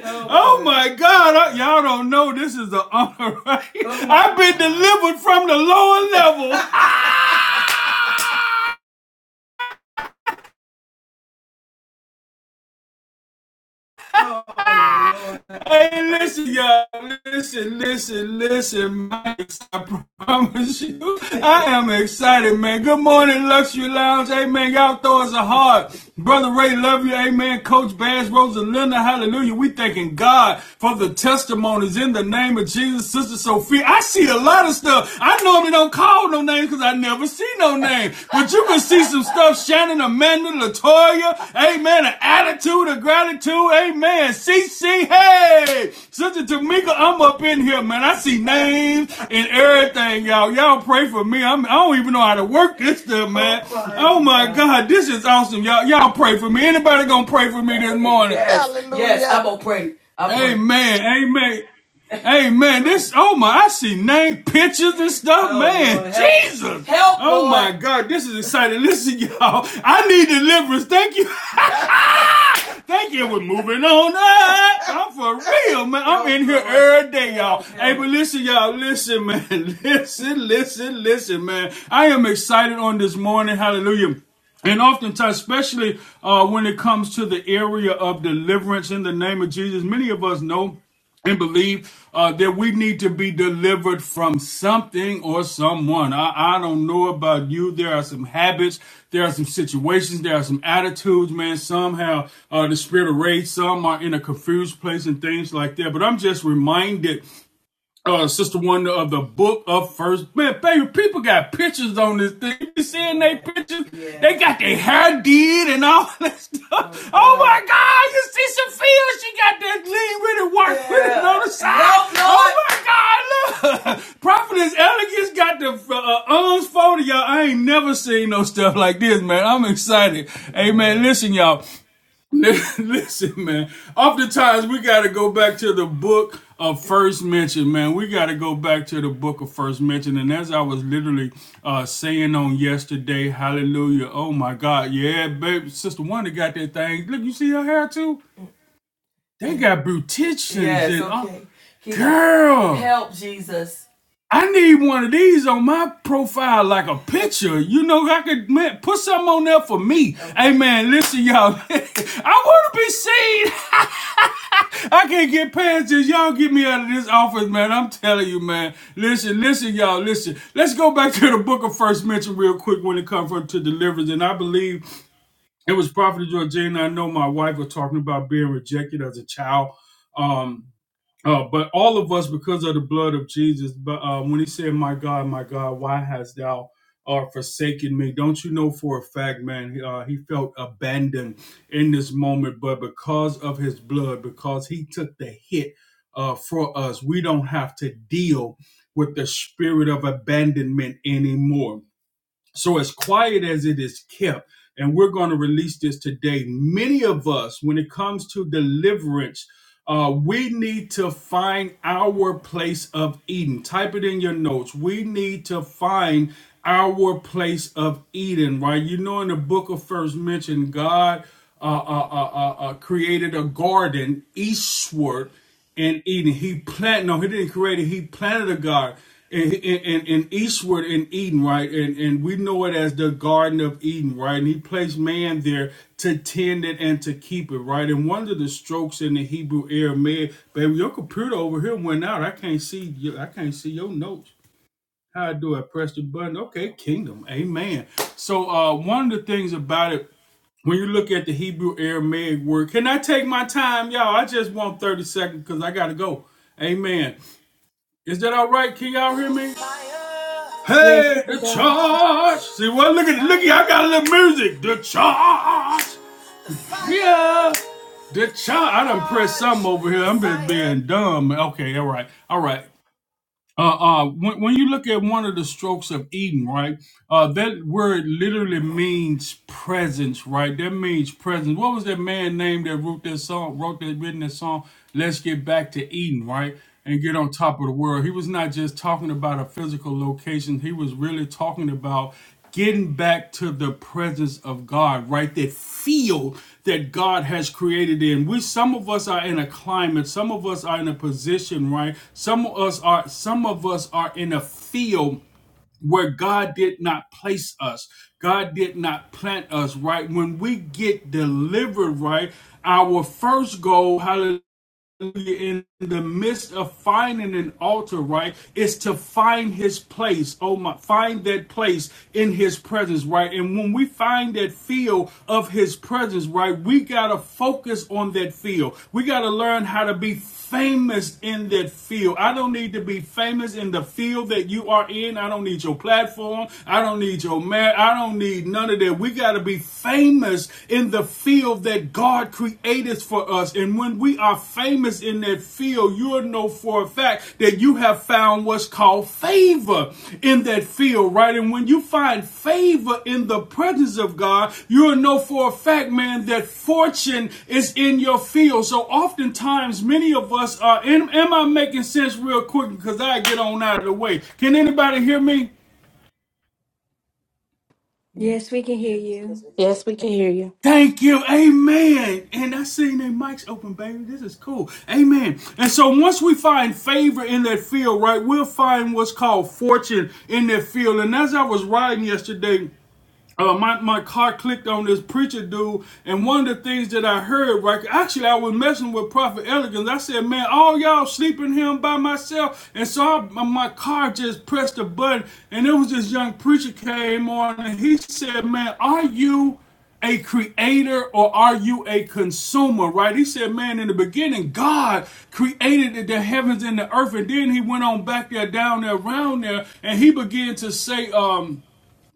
Speaker 1: Oh, Oh my God. I- y'all don't know this is an honor, right? Oh, I've been delivered from the lower level. [LAUGHS] [LAUGHS] Hey, listen, y'all. Listen, listen, listen, Mike. I promise you, I am excited, man. Good morning, Luxury Lounge. Amen. Y'all throw us a heart. Brother Ray, love you. Amen. Coach Bass, Rosalinda, hallelujah. We thanking God for the testimonies in the name of Jesus. Sister Sophia, I see a lot of stuff. I normally don't call no names because I never see no real name. But you can see some stuff Shannon, Amanda, Latoya, amen, an attitude of gratitude, amen. C. C. hey, Sister Tamika, I'm up in here, man. I see names and everything, y'all. Y'all pray for me. I'm, I don't even know how to work this stuff, man. Oh my God, this is awesome, y'all. Y'all pray for me. Anybody gonna pray for me this morning? Yes, yes,
Speaker 2: Hallelujah.
Speaker 1: I'm gonna pray. I'm gonna Amen. gonna... Amen. Hey man, this oh my, I see name pictures and stuff, Oh man. Lord, help, Jesus, help, oh Lord. my God, this is exciting. Listen, y'all, I need deliverance. Thank you, [LAUGHS] thank you. We're moving on. I'm for real, man. I'm in here every day, y'all. Hey, but listen, y'all, listen, man, [LAUGHS] listen, listen, listen, man. I am excited on this morning. Hallelujah. And oftentimes, especially uh, when it comes to the area of deliverance in the name of Jesus, many of us know and believe uh, that we need to be delivered from something or someone. I, I don't know about you. There are some habits, there are some situations, there are some attitudes, man. Somehow uh, the spirit of rage, some are in a confused place and things like that. But I'm just reminded uh, Sister Wonder of the Book of First. Man, baby, people got pictures on this thing. You seeing they pictures? Yeah. They got their hair did and all [LAUGHS] that Oh stuff. Oh God. my God, you see Sophia? She got that lean with it, work yeah. with it on Yeah. the side. Help, Lord. Oh my God, look. [LAUGHS] Prophetess Elegance got the uh, arms folded, y'all. I ain't never seen no stuff like this, man. I'm excited. Hey, man, Listen, y'all. [LAUGHS] Listen, man. Oftentimes we got to go back to the book of first mention, man. We got to go back to the book of first mention. And as I was literally uh, saying on yesterday, hallelujah. Oh my God, yeah, baby, sister Wonder got that thing. Look, you see her hair too. They got beauticians Yes, and all. okay. Oh, He- Girl, help Jesus. I need one of these on my profile, like a picture. You know, I could man, put something on there for me. Okay. Hey, man, listen, y'all. [LAUGHS] I want to be seen. [LAUGHS] I can't get past this. Y'all get me out of this office, man. I'm telling you, man. Listen, listen, y'all. Listen. Let's go back to the book of First Mention real quick when it comes to deliverance. And I believe it was Prophet Georgina. I know my wife was talking about being rejected as a child. Um, uh, but all of us, because of the blood of Jesus, but uh, when he said, My God, my God, why hast thou uh, forsaken me? Don't you know for a fact, man, uh, he felt abandoned in this moment. But because of his blood, because he took the hit uh, for us, we don't have to deal with the spirit of abandonment anymore so, as quiet as it is kept, and we're going to release this today, many of us, when it comes to deliverance, uh, we need to find our place of Eden. Type it in your notes. We need to find our place of Eden, right? You know, in the book of First Mention, God uh, uh, uh, uh, uh, created a garden eastward in Eden. He planted, no, he didn't create it. He planted a garden in, in, in eastward in Eden, right? And, and we know it as the Garden of Eden, right? And he placed man there to tend it and to keep it, right? And one of the strokes in the Hebrew Aramaic, baby, your computer over here went out. I can't see you. I can't see your notes. How do I press the button? Okay, kingdom. Amen. So uh one of the things about it when you look at the Hebrew Aramaic word, can I take my time, y'all? I just want 30 seconds because I got to go. Amen. Is that all right? Can y'all hear me?
Speaker 3: Yes, you
Speaker 1: Hey,
Speaker 3: can
Speaker 1: the
Speaker 3: go.
Speaker 1: charge. See, well, look at, look at, I got a little music. The charge. Yeah. The charge. I done pressed something over here. I'm just being dumb. Okay, all right. All right. Uh, uh, when, when you look at one of the strokes of Eden, right, uh, that word literally means presence, right? That means presence. What was that man named that wrote that song, wrote that, written that song, Let's Get Back to Eden, right? And get on top of the world. He was not just talking about a physical location, he was really talking about getting back to the presence of God, right? That feel that God has created in. We some of us are in a climate, some of us are in a position, right? Some of us are some of us are in a field where God did not place us. God did not plant us, right? When we get delivered, right? Our first goal, hallelujah in the midst of finding an altar, right, is to find his place. Oh my, find that place in his presence, right? And when we find that field of his presence, right, we got to focus on that field. We got to learn how to be famous in that field. I don't need to be famous in the field that you are in. I don't need your platform. I don't need your man. I don't need none of that. We got to be famous in the field that God created for us. And when we are famous in that field, you'll know for a fact that you have found what's called favor in that field, right? And when you find favor in the presence of God, you'll know for a fact, man, that fortune is in your field. So oftentimes, many of us are, am, am I making sense real quick? Because I get on out of the way. Can anybody hear me? Yes.
Speaker 3: Yes, we can hear
Speaker 5: This
Speaker 3: you.
Speaker 5: was here.
Speaker 6: Yes, we can hear you.
Speaker 1: Thank you. Amen. And I seen their mics open, baby. This is cool. Amen. And so once we find favor in that field, right, we'll find what's called fortune in that field. And as I was riding yesterday, uh, my, my car clicked on this preacher dude, and one of the things that I heard, right, actually, I was messing with Prophet Elegance. I said, Man, all y'all sleeping here by myself. And so I, my car just pressed a button, and it was this young preacher came on, and he said, Man, are you? a creator or are you a consumer? Right? He said, man, in the beginning, God created the heavens and the earth, and then he went on back there, down there, around there, and he began to say, um,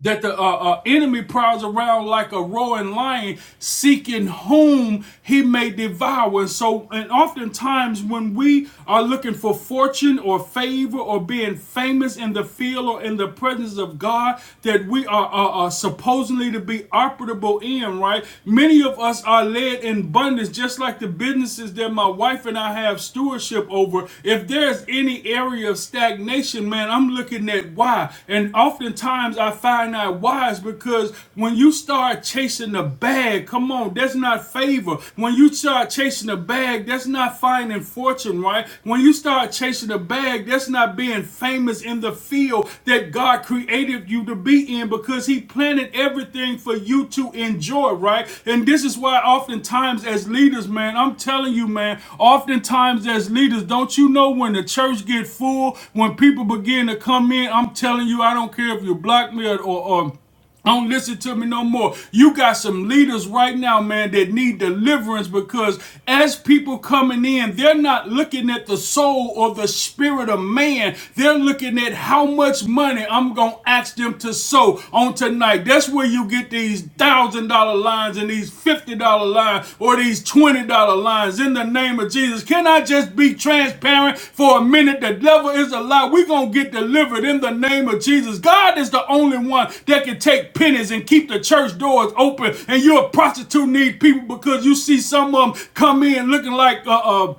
Speaker 1: that the uh, uh, enemy prowls around like a roaring lion, seeking whom he may devour. And so, and oftentimes when we are looking for fortune or favor or being famous in the field or in the presence of God, that we are, are, are supposedly to be operable in, right? Many of us are led in abundance, just like the businesses that my wife and I have stewardship over. If there's any area of stagnation, man, I'm looking at why. And oftentimes I find out why is because when you start chasing the bag, come on, that's not favor. When you start chasing the bag, that's not finding fortune, right? When you start chasing the bag, that's not being famous in the field that God created you to be in because He planted everything for you to enjoy, right? And this is why why oftentimes as leaders, man, I'm telling you, man, oftentimes as leaders, don't you know when the church get full, when people begin to come in, I'm telling you, I don't care if you're black man or, or or don't listen to me no more. You got some leaders right now, man, that need deliverance because as people coming in, they're not looking at the soul or the spirit of man. They're looking at how much money I'm going to gonna ask them to sow on tonight. That's where you get these thousand dollar lines and these fifty dollar lines or these twenty dollar lines in the name of Jesus. Can I just be transparent for a minute? The devil is a lie. We're gonna get delivered in the name of Jesus. God is the only one that can take pennies and keep the church doors open. And you're a prostitute need people because you see some of them come in looking like uh uh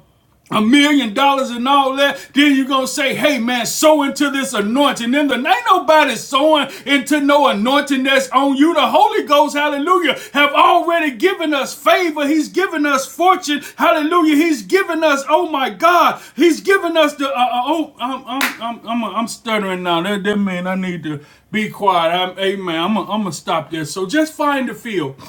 Speaker 1: a million dollars and all that, then you're gonna say, hey man, sow into this anointing. In the ain't nobody sowing into no anointing that's on you. The Holy Ghost, hallelujah, have already given us favor. He's given us fortune. Hallelujah. He's given us, oh my God, he's given us the uh, uh, oh I'm I'm I'm I'm, I'm stuttering now. That that mean I need to be quiet. I'm, amen. I'm gonna I'm gonna stop this. So just find the field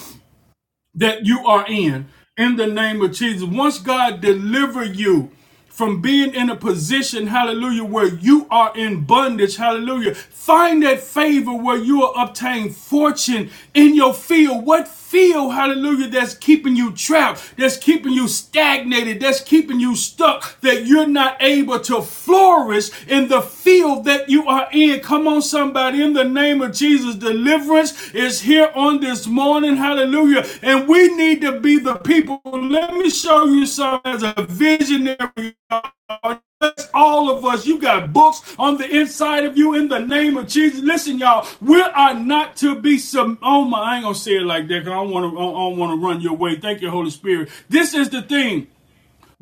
Speaker 1: that you are in in the name of Jesus. Once God deliver you from being in a position, hallelujah, where you are in bondage, hallelujah, find that favor where you will obtain fortune in your field. What field, hallelujah, that's keeping you trapped, that's keeping you stagnated, that's keeping you stuck, that you're not able to flourish in the field that you are in in. Come on, somebody. In the name of Jesus, deliverance is here on this morning. Hallelujah. And we need to be the people. Let me show you something as a visionary. all That's all of us. You got books on the inside of you in the name of Jesus. Listen, y'all, we are not to be some. Oh my, I ain't gonna say it like that. Cause I don't want to. I don't want to run your way. Thank you, Holy Spirit. This is the thing.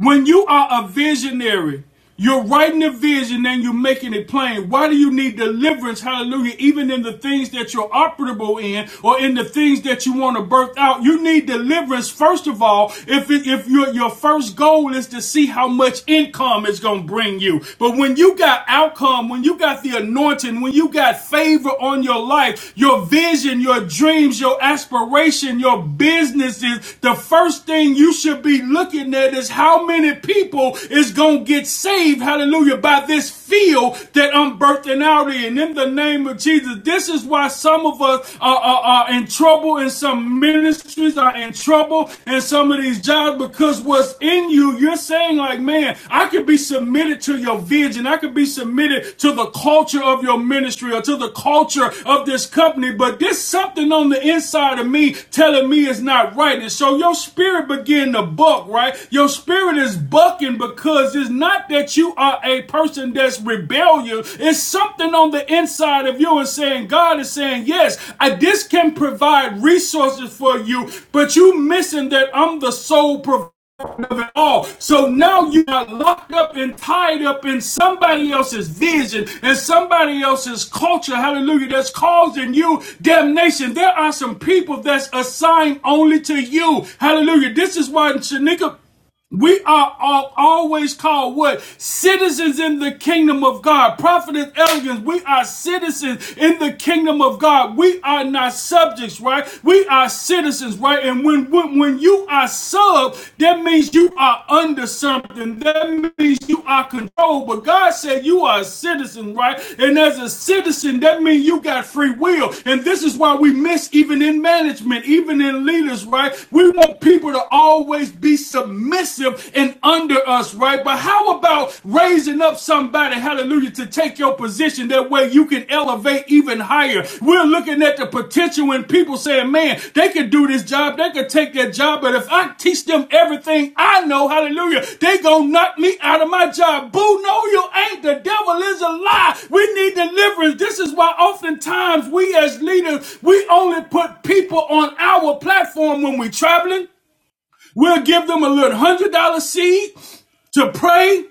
Speaker 1: When you are a visionary, you're writing a vision and you're making it plain. Why do you need deliverance? Hallelujah. Even in the things that you're operable in or in the things that you want to birth out, you need deliverance. First of all, if it, if your, your first goal is to see how much income it's going to bring you. But when you got outcome, when you got the anointing, when you got favor on your life, your vision, your dreams, your your aspiration, your businesses the first thing you should be looking at is how many people is going to get saved, hallelujah, by this field that I'm birthing out in. In the name of Jesus, this is why some of us are, are, are in trouble and some ministries are in trouble and some of these jobs because what's in you, you're saying like, man, I could be submitted to your vision. I could be submitted related to the culture of your ministry or to the culture of this company, but there's something on the inside of me telling me it's not right. And so your spirit begin to buck, right? Your spirit is bucking because it's not that you are a person that's rebellious. It's something on the inside of you and saying, God is saying, yes, I, this can provide resources for you, but you missing that I'm the sole provider at all. So now you are locked up and tied up in somebody else's vision and somebody else's culture. Hallelujah. That's causing you damnation. There are some people that's assigned only to you. Hallelujah. This is why Shanika we are all, always called what? Citizens in the kingdom of God. Prophet and elegance, we are citizens in the kingdom of God. We are not subjects, right? We are citizens, right? And when, when, when you are sub, that means you are under something. That means you are controlled. But God said you are a citizen, right? And as a citizen, that means you got free will. And this is why we miss even in management, even in leaders, right? We want people to always always be submissive and under us, right? But how about raising up somebody, hallelujah, to take your position that way you can elevate even higher? We're looking at the potential when people saying, man, they could do this job, they could take that job, but if I teach them everything I know, hallelujah, they gonna knock me out of my job. Boo, no, you ain't. The devil is a lie. We need deliverance. This is why oftentimes we as leaders, we only put people on our platform when we're traveling. We'll give them a little hundred dollar seed to pray,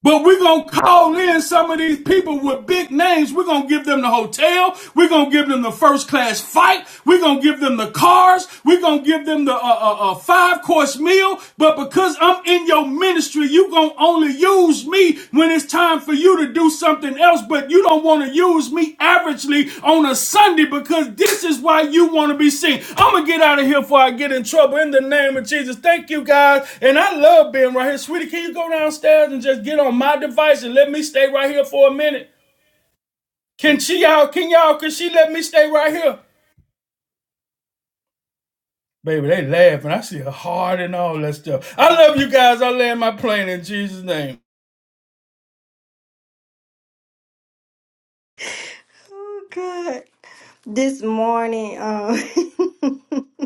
Speaker 1: but we're gonna call in some of these people with big names. We're gonna give them the hotel. We're gonna give them the first class flight. We're gonna give them the cars. We're gonna give them the uh, uh, uh, five course meal. But because I'm in your ministry, you gonna only use me when it's time for you to do something else, but you don't want to use me averagely on a Sunday because this is why you want to be seen. I'm going to get out of here before I get in trouble in the name of Jesus. Thank you guys. And I love being right here. Sweetie, can you go downstairs and just get on my device and let me stay right here for a minute? Can she y'all, can y'all, can she let me stay right here? Baby, they laughing. I see her heart and all that stuff. I love you guys. I land my plane in Jesus' name.
Speaker 3: Oh, good. This morning, um, [LAUGHS]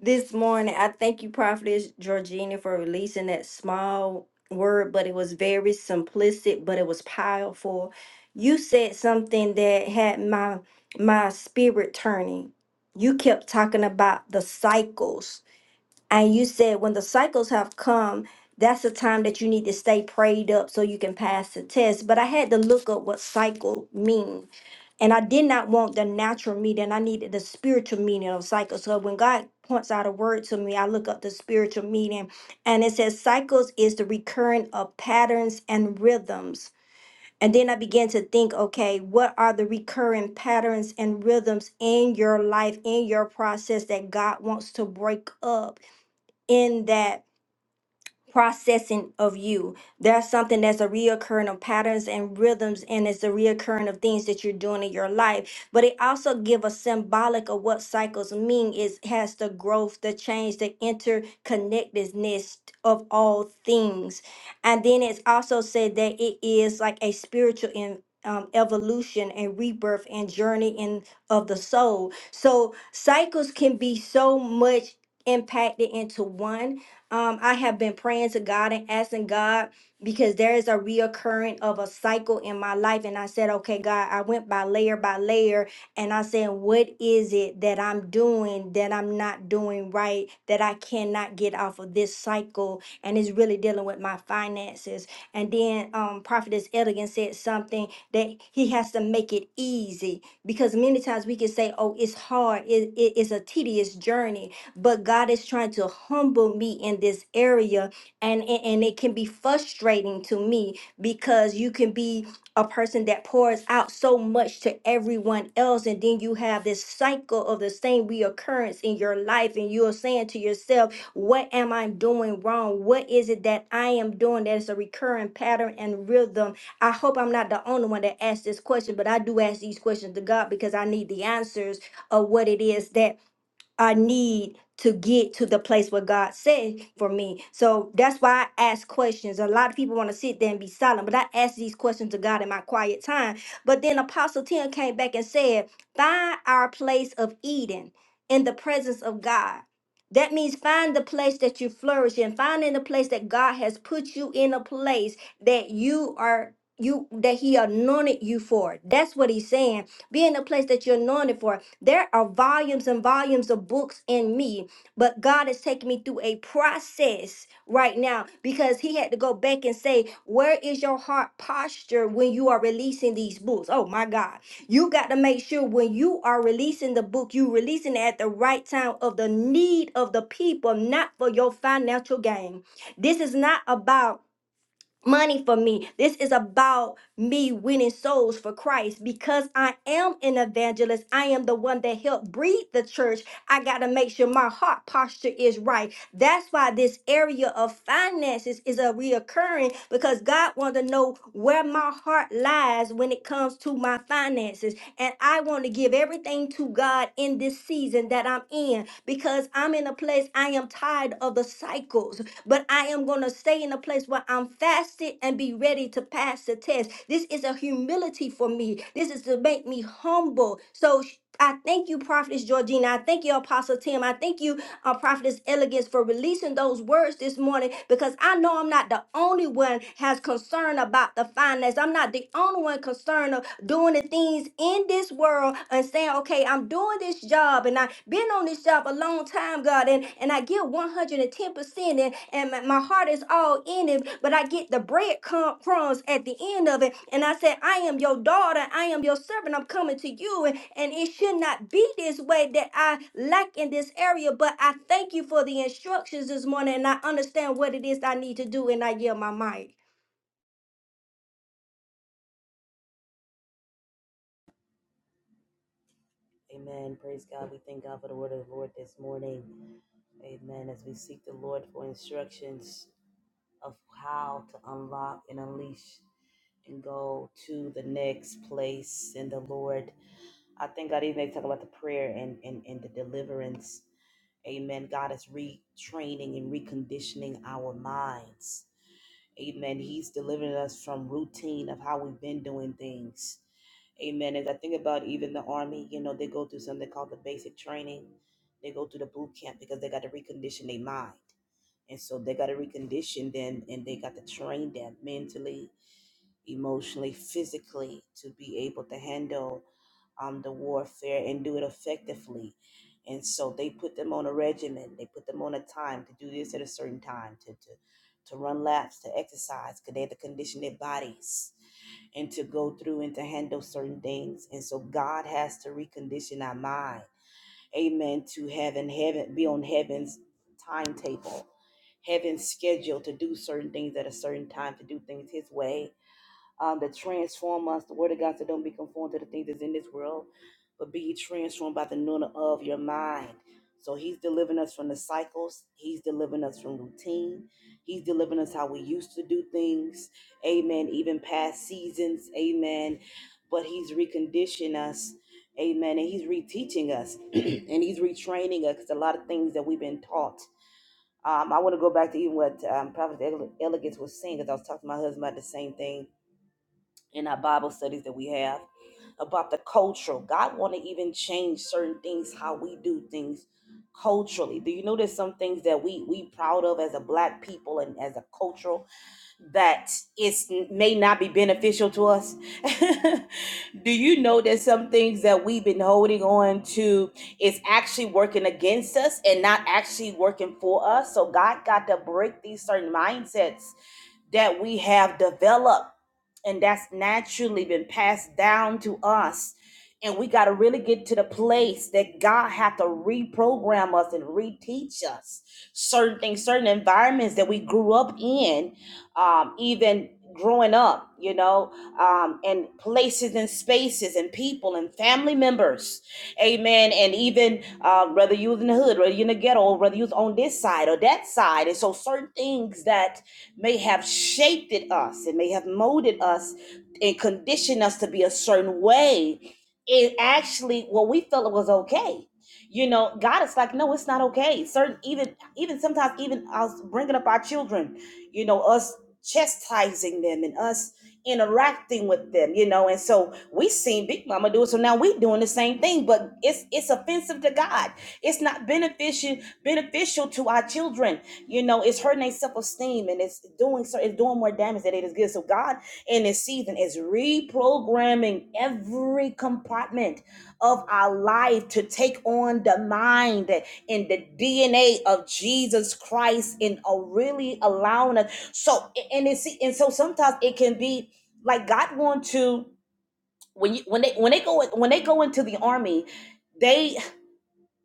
Speaker 3: this morning. I thank you, Prophetess Georgina, for releasing that small word, but it was very simplistic, but it was powerful. You said something that had my my spirit turning. You kept talking about the cycles. And you said when the cycles have come, that's the time that you need to stay prayed up so you can pass the test. But I had to look up what cycle means. And I did not want the natural meaning. I needed the spiritual meaning of cycles. So when God points out a word to me, I look up the spiritual meaning. And it says cycles is the recurrent of patterns and rhythms. And then I began to think, okay, what are the recurring patterns and rhythms in your life, in your process that God wants to break up in that? processing of you. There's something that's a reoccurring of patterns and rhythms, and it's a reoccurring of things that you're doing in your life. But it also give a symbolic of what cycles mean. It has the growth, the change, the interconnectedness of all things. And then it's also said that it is like a spiritual in, um, evolution and rebirth and journey in of the soul. So cycles can be so much impacted into one um, I have been praying to God and asking God because there is a reoccurring of a cycle in my life. And I said, okay, God, I went by layer by layer and I said, what is it that I'm doing that I'm not doing right that I cannot get off of this cycle? And it's really dealing with my finances. And then um, Prophetess Elegant said something that he has to make it easy because many times we can say, oh, it's hard, it, it- it's a tedious journey but God is trying to humble me in this area and and and it can be frustrating to me because you can be a person that pours out so much to everyone else and then you have this cycle of the same reoccurrence in your life and you're saying to yourself what am i doing wrong what is it that i am doing that is a recurring pattern and rhythm i hope i'm not the only one that asks this question but i do ask these questions to god because i need the answers of what it is that I need to get to the place where God said for me. So that's why I ask questions. A lot of people want to sit there and be silent, but I ask these questions to God in my quiet time. But then Apostle Tim came back and said, Find our place of Eden in the presence of God. That means find the place that you flourish in, Find in the place that God has put you in a place that you are you that he anointed you for. That's what he's saying. Be in the place that you're anointed for there are volumes and volumes of books in me, but God is taking me through a process right now because He had to go back and say, Where is your heart posture when you are releasing these books? Oh my God. You got to make sure when you are releasing the book, you releasing it at the right time of the need of the people, not for your financial gain. This is not about money for me. This is about me winning souls for Christ because I am an evangelist. I am the one that helped breed the church. I got to make sure my heart posture is right. That's why this area of finances is a reoccurring because God wants to know where my heart lies when it comes to my finances. And I want to give everything to God in this season that I'm in because I'm in a a place I am tired of the cycles, but I am going to stay in a place where I'm fasted and be ready to pass the test. This is a humility for me. This is to make me humble. So sh- I thank you, Prophetess Georgina. I thank you, Apostle Tim. I thank you, uh, Prophetess Elegance, for releasing those words this morning because I know I'm not the only one has concern about the finance. I'm not the only one concerned of doing the things in this world and saying, okay, I'm doing this job and I've been on this job a long time, God, and, and I give 110% and, and my, my heart is all in it, but I get the bread crumb- crumbs at the end of it. And I said, I am your daughter, I am your servant, I'm coming to you. And, and it should not be this way that I lack in this area, but I thank you for the instructions this morning and I understand what it is I need to do and I yield my mic.
Speaker 5: Amen. Praise God. We thank God for the word of the Lord this morning. Amen. As we seek the Lord for instructions of how to unlock and unleash and go to the next place in the Lord. I think God even talk about the prayer and, and, and the deliverance. Amen. God is retraining and reconditioning our minds. Amen. He's delivering us from routine of how we've been doing things. Amen. As I think about even the army, you know, they go through something called the basic training. They go through the boot camp because they got to recondition their mind. And so they got to recondition them and they got to train them mentally emotionally, physically, to be able to handle um, the warfare and do it effectively. And so they put them on a regimen. They put them on a time to do this at a certain time, to to, to run laps, to exercise, because they had to condition their bodies and to go through and to handle certain things. And so God has to recondition our mind. Amen. To heaven, heaven be on heaven's timetable, heaven's schedule to do certain things at a certain time, to do things his way um, that transform us. The word of God said, Don't be conformed to the things that's in this world, but be ye transformed by the renewing of your mind. So he's delivering us from the cycles. He's delivering us from routine. He's delivering us how we used to do things. Amen. Even past seasons. Amen. But he's reconditioned us. Amen. And he's reteaching us [CLEARS THROAT] and he's retraining us 'cause a lot of things that we've been taught. Um, I want to go back to even what um, Prophet Ele- Elegance was saying because I was talking to my husband about the same thing in our Bible studies that we have about the cultural. God want to even change certain things, how we do things culturally. Do you notice some things that we we proud of as a black people and as a cultural that it's may not be beneficial to us? [LAUGHS] do you know that some things that we've been holding on to is actually working against us and not actually working for us? So God got to break these certain mindsets that we have developed and that's naturally been passed down to us and we got to really get to the place that god had to reprogram us and reteach us certain things certain environments that we grew up in um, even growing up you know um, and places and spaces and people and family members amen and even uh, whether you was in the hood whether you in the ghetto or whether you was on this side or that side and so certain things that may have shaped it us it may have molded us and conditioned us to be a certain way it actually what we felt it was okay you know god is like no it's not okay certain even even sometimes even us bringing up our children you know us chastising them and us interacting with them you know and so we seen big mama do it so now we doing the same thing but it's it's offensive to god it's not beneficial beneficial to our children you know it's hurting their self-esteem and it's doing so it's doing more damage than it is good so god in this season is reprogramming every compartment of our life to take on the mind and the dna of jesus christ and uh, really allowing us so and it's and so sometimes it can be like god want to when you when they when they go when they go into the army they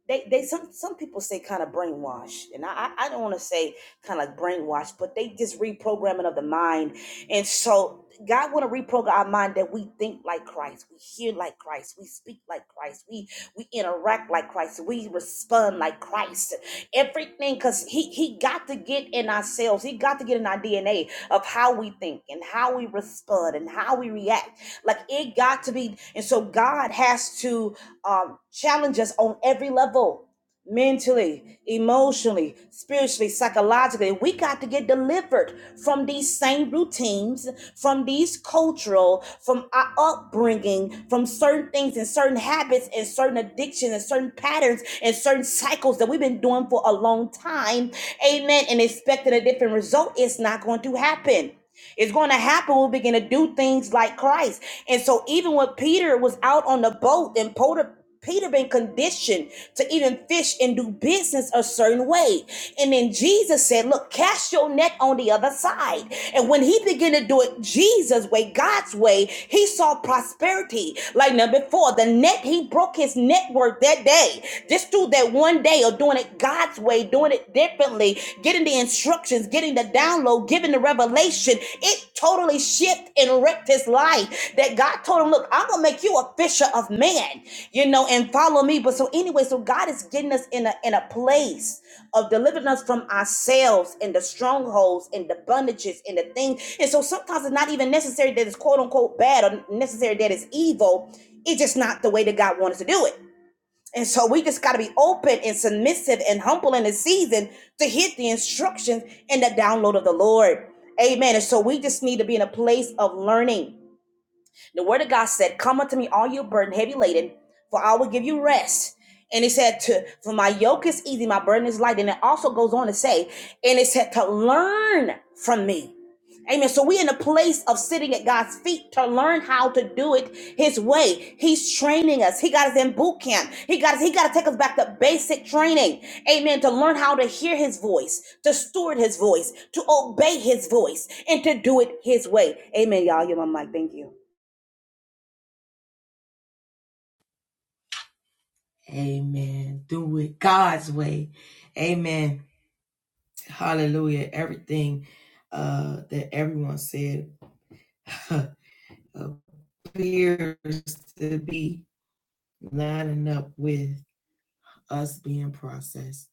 Speaker 5: they they some some people say kind of brainwashed and i i don't want to say kind of brainwashed but they just reprogramming of the mind and so god want to reprogram our mind that we think like christ we hear like christ we speak like christ we we interact like christ we respond like christ everything because he he got to get in ourselves he got to get in our dna of how we think and how we respond and how we react. Like it got to be, and so God has to um, challenge us on every level mentally, emotionally, spiritually, psychologically. We got to get delivered from these same routines, from these cultural, from our upbringing, from certain things and certain habits and certain addictions and certain patterns and certain cycles that we've been doing for a long time. Amen. And expecting a different result, it's not going to happen. It's going to happen. when we begin to do things like Christ. And so, even when Peter was out on the boat, and Peter, Peter been conditioned to even fish and do business a certain way. And then Jesus said, Look, cast your net on the other side. And when he began to do it Jesus' way, God's way, he saw prosperity. Like never before. the net, he broke his net worth that day. Just through that one day of doing it God's way, doing it it differently, getting the instructions, getting the download, giving the revelation. It totally shifted and wrecked his life. That God told him, Look, I'm gonna make you a fisher of men, you know, and follow me. But so anyway, so God is getting us in a in a place of delivering us from ourselves and the strongholds and the bondages and the things. And so sometimes it's not even necessary that it's quote unquote bad or necessary that it's evil. It's just not the way that God wanted to do it. And so we just got to be open and submissive and humble in the season to hit the instructions and the download of the Lord. Amen. And so we just need to be in a place of learning. The word of God said, Come unto me, all you burden, heavy laden, for I will give you rest. And it said, to, For my yoke is easy, my burden is light. And it also goes on to say, And it said, To learn from me. Amen. So we're in a place of sitting at God's feet to learn how to do it His way. He's training us. He got us in boot camp. He got us, He got to take us back to basic training. Amen. To learn how to hear His voice, to steward His voice, to obey His voice, and to do it His way. Amen, y'all. You're my mic. Thank you.
Speaker 1: Amen. Do it God's way. Amen. Hallelujah. Everything uh, that everyone said [LAUGHS] appears to be lining up with us being processed.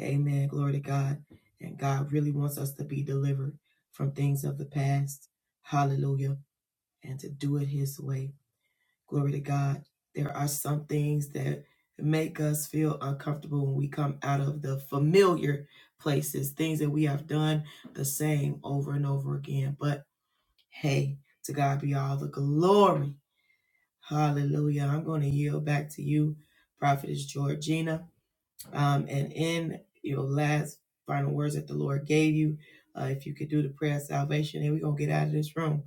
Speaker 1: Amen. Glory to God. And God really wants us to be delivered from things of the past. Hallelujah. And to do it His way. Glory to God. There are some things that make us feel uncomfortable when we come out of the familiar places, things that we have done the same over and over again. But hey, to God be all the glory. Hallelujah. I'm going to yield back to you, Prophetess Georgina. Um, and in your last final words that the Lord gave you, uh, if you could do the prayer of salvation, and we're going to get out of this room.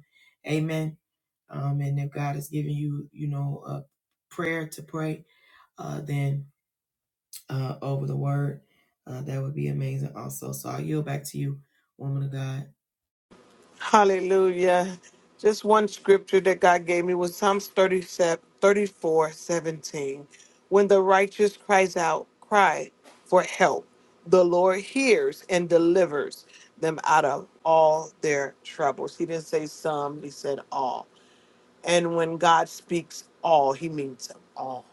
Speaker 1: Amen. Um, and if God has given you, you know, a prayer to pray, uh, then uh, over the word, uh, that would be amazing also. So I yield back to you, woman of God.
Speaker 2: Hallelujah. Just one scripture that God gave me was Psalms thirty-seven, thirty-four, seventeen. When the righteous cries out, cry for help, the Lord hears and delivers them out of all their troubles. He didn't say some, he said all. And when God speaks all, he means all.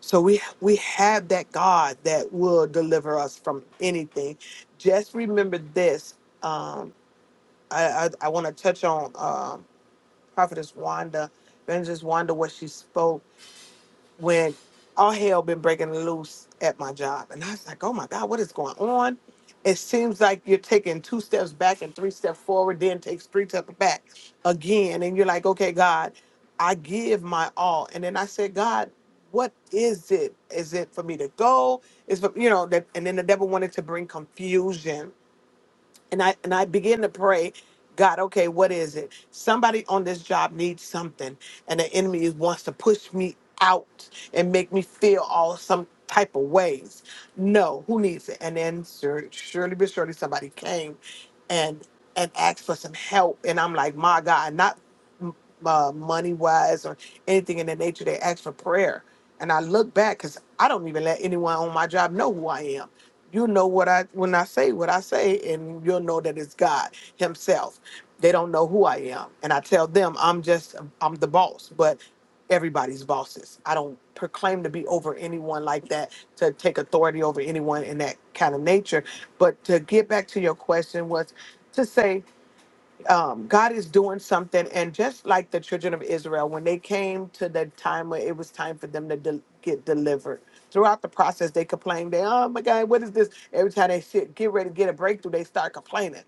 Speaker 2: So we we have that God that will deliver us from anything. Just remember this. Um, I, I, I want to touch on. um, prophetess Wanda, evangelist Wanda, what she spoke when all hell been breaking loose at my job. And I was like, oh my God, what is going on? It seems like you're taking two steps back and three steps forward, then takes three steps back again. And you're like, okay, God, I give my all. And then I said, God, what is it? Is it for me to go? Is for, you know that? And then the devil wanted to bring confusion and I and I begin to pray, God, okay, what is it? Somebody on this job needs something, and the enemy is- wants to push me out and make me feel all some type of ways. No, who needs it? And then sur- surely but surely somebody came and and asked for some help, and I'm like, my God, not m- uh, money wise or anything in the nature. They asked for prayer, and I look back because I don't even let anyone on my job know who I am you know what I when I say what I say, and you'll know that it's God Himself. They don't know who I am, and I tell them I'm just I'm the boss, but everybody's bosses. I don't proclaim to be over anyone like that, to take authority over anyone in that kind of nature. But to get back to your question was to say um, God is doing something. And just like the children of Israel, when they came to the time where it was time for them to de- get delivered, throughout the process, they complained, they, oh my God, what is this? Every time they sit, get ready to get a breakthrough, they start complaining.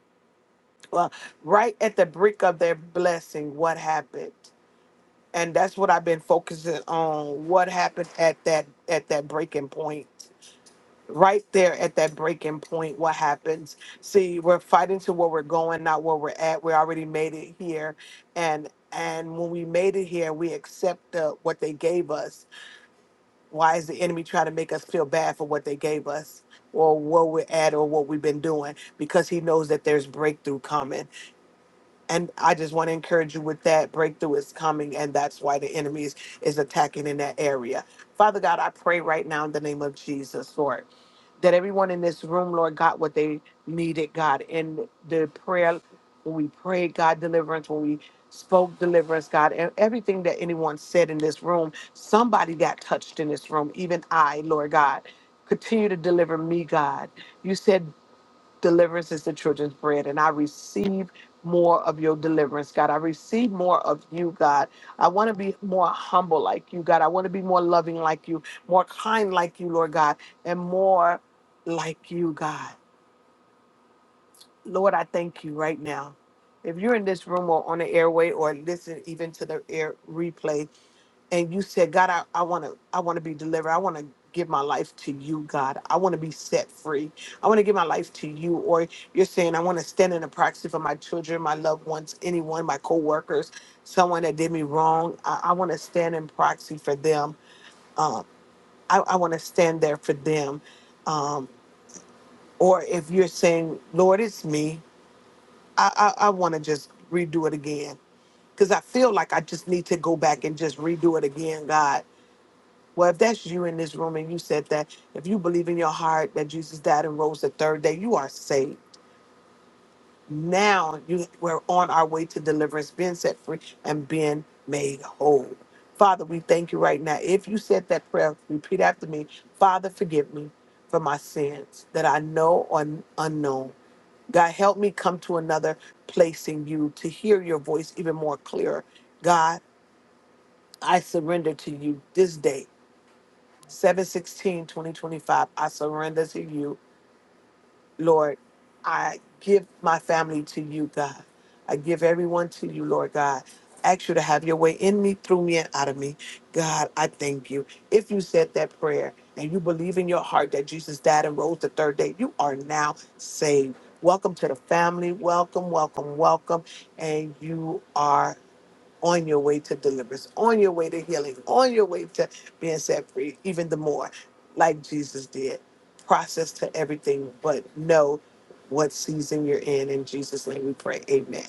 Speaker 2: Well, right at the brink of their blessing, what happened? And that's what I've been focusing on. What happened at that at that breaking point? right there at that breaking point what happens see we're fighting to where we're going not where we're at we already made it here and and when we made it here we accept the, what they gave us why is the enemy trying to make us feel bad for what they gave us or what we're at or what we've been doing because he knows that there's breakthrough coming and i just want to encourage you with that breakthrough is coming and that's why the enemy is, is attacking in that area father god i pray right now in the name of jesus lord that everyone in this room, Lord, got what they needed, God. In the prayer, when we prayed, God, deliverance, when we spoke deliverance, God, and everything that anyone said in this room, somebody got touched in this room, even I, Lord God. Continue to deliver me, God. You said Deliverance is the children's bread, and I receive more of your deliverance, God. I receive more of you, God. I want to be more humble like you, God. I want to be more loving like you, more kind like you, Lord God, and more like you, God. Lord, I thank you right now. If you're in this room or on the airway or listen even to the air replay, and you said, God, I, I wanna I wanna be delivered. I wanna give my life to you, God. I wanna be set free. I wanna give my life to you. Or you're saying I wanna stand in the proxy for my children, my loved ones, anyone, my coworkers, someone that did me wrong. I, I wanna stand in proxy for them. I, I wanna stand there for them. Um, or if you're saying, Lord, it's me, I I, I wanna just redo it again. Cause I feel like I just need to go back and just redo it again, God. Well, if that's you in this room and you said that, if you believe in your heart that Jesus died and rose the third day, you are saved. Now you we're on our way to deliverance, being set free and being made whole. Father, we thank you right now. If you said that prayer, repeat after me. Father, forgive me for my sins that I know or unknown. God, help me come to another place in you to hear your voice even more clear. God, I surrender to you this day. 716 2025 i surrender to you lord i give my family to you god i give everyone to you lord god ask you to have your way in me through me and out of me god i thank you if you said that prayer and you believe in your heart that jesus died and rose the third day you are now saved welcome to the family welcome welcome welcome and you are on your way to deliverance, on your way to healing, on your way to being set free, even the more, like Jesus did. Process to everything, but know what season you're in. In Jesus' name we pray. Amen.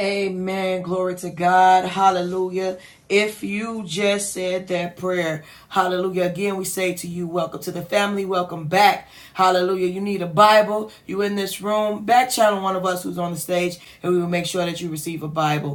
Speaker 1: Amen. Glory to God. Hallelujah. If you just said that prayer, hallelujah. Again, we say to you, welcome to the family. Welcome back. Hallelujah. You need a Bible. You in this room. Back channel one of us who's on the stage, and we will make sure that you receive a Bible.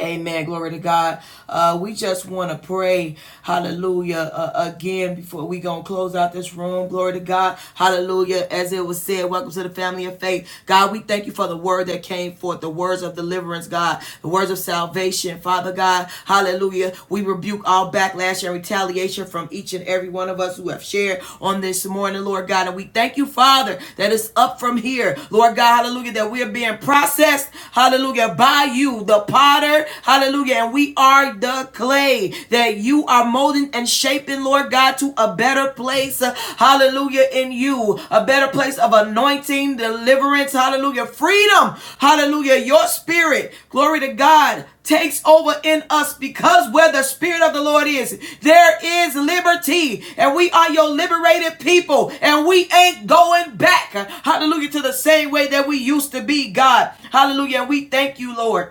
Speaker 1: Amen. Glory to God. Uh, we just want to pray, hallelujah, uh, again before we going to close out this room. Glory to God. Hallelujah. As it was said, welcome to the family of faith. God, we thank you for the word that came forth, the words of deliverance, God, the words of salvation. Father God, hallelujah. We rebuke all backlash and retaliation from each and every one of us who have shared on this morning, Lord God. And we thank you, Father, that it's up from here. Lord God, hallelujah, that we are being processed, hallelujah, by you, the potter. Hallelujah. And we are the clay that you are molding and shaping, Lord God, to a better place. uh, Hallelujah. In you, a better place of anointing, deliverance. Hallelujah. Freedom. Hallelujah. Your spirit. Glory to God. Takes over in us because where the Spirit of the Lord is, there is liberty. And we are your liberated people. And we ain't going back. Hallelujah. To the same way that we used to be, God. Hallelujah. And we thank you, Lord.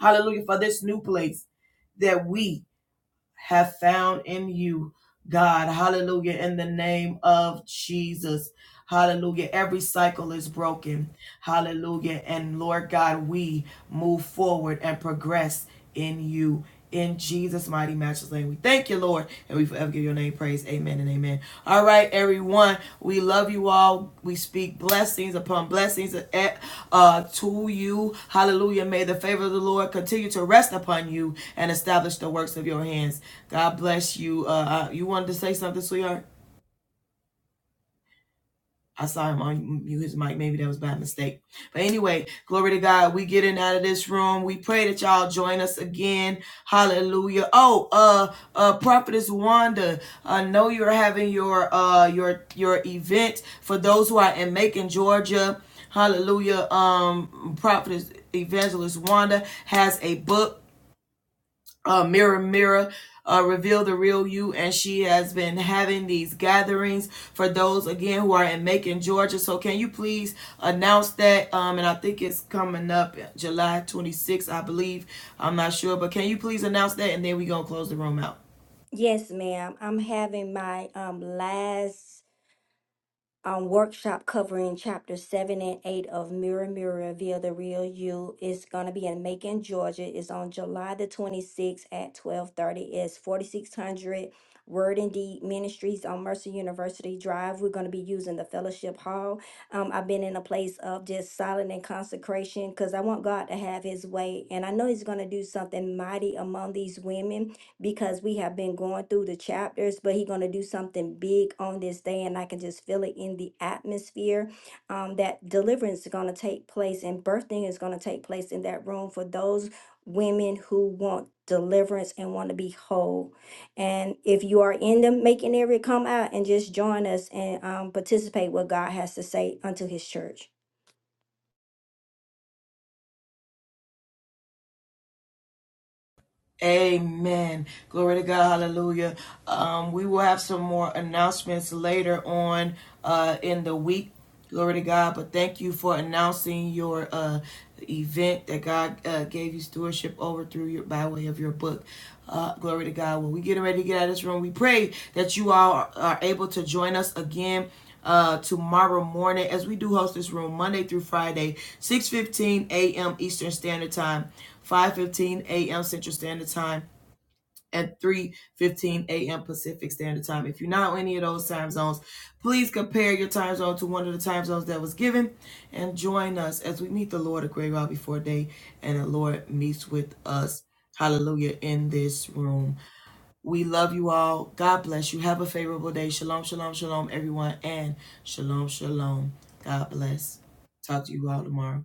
Speaker 1: Hallelujah. For this new place that we have found in you, God. Hallelujah. In the name of Jesus. Hallelujah. Every cycle is broken. Hallelujah. And Lord God, we move forward and progress in you. In Jesus' mighty matchless name, we thank you, Lord, and we forever give your name praise. Amen and amen. All right, everyone, we love you all. We speak blessings upon blessings eh, uh, to you. Hallelujah. May the favor of the Lord continue to rest upon you and establish the works of your hands. God bless you. Uh, uh, you wanted to say something, sweetheart? I saw him on you his mic. Maybe that was by mistake. But anyway, glory to God. We getting out of this room. We pray that y'all join us again. Hallelujah. Oh, uh, uh, Prophetess Wanda, I know you're having your uh your your event for those who are in Macon, Georgia. Hallelujah. Um, Prophetess Evangelist Wanda has a book uh, Mirror Mirror uh, Reveal the Real You. And she has been having these gatherings for those, again, who are in Macon, Georgia. So can you please announce that? Um, and I think it's coming up July 26th, I believe. I'm not sure. But can you please announce that? And then we're going to close the room out.
Speaker 3: Yes, ma'am. I'm having my um last um, workshop covering chapter seven and eight of Mirror Mirror Reveal the Real You. It's gonna be in Macon, Georgia. It's on July the twenty sixth at twelve thirty. It's forty six hundred Word and Deed Ministries on Mercer University Drive. We're gonna be using the fellowship hall. Um, I've been in a place of just silent and consecration because I want God to have His way, and I know He's gonna do something mighty among these women because we have been going through the chapters, but he's going to do something big on this day. And I can just feel it in the atmosphere um, that deliverance is going to take place and birthing is going to take place in that room for those women who want deliverance and want to be whole. And if you are in the making area, come out and just join us and um, participate what God has to say unto his church.
Speaker 1: Amen. Glory to God. Hallelujah. Um, we will have some more announcements later on uh, in the week. Glory to God. But thank you for announcing your uh, event that God uh, gave you stewardship over through your by way of your book. Uh, glory to God. When we get ready to get out of this room, we pray that you all are, are able to join us again uh, tomorrow morning as we do host this room Monday through Friday, 6:15 a.m. Eastern Standard Time. 5:15 a.m. Central Standard Time and 3:15 a.m. Pacific Standard Time. If you're not on any of those time zones, please compare your time zone to one of the time zones that was given and join us as we meet the Lord a great while before day and the Lord meets with us. Hallelujah in this room. We love you all. God bless you. Have a favorable day. Shalom, shalom, shalom, everyone, and shalom, shalom. God bless. Talk to you all tomorrow.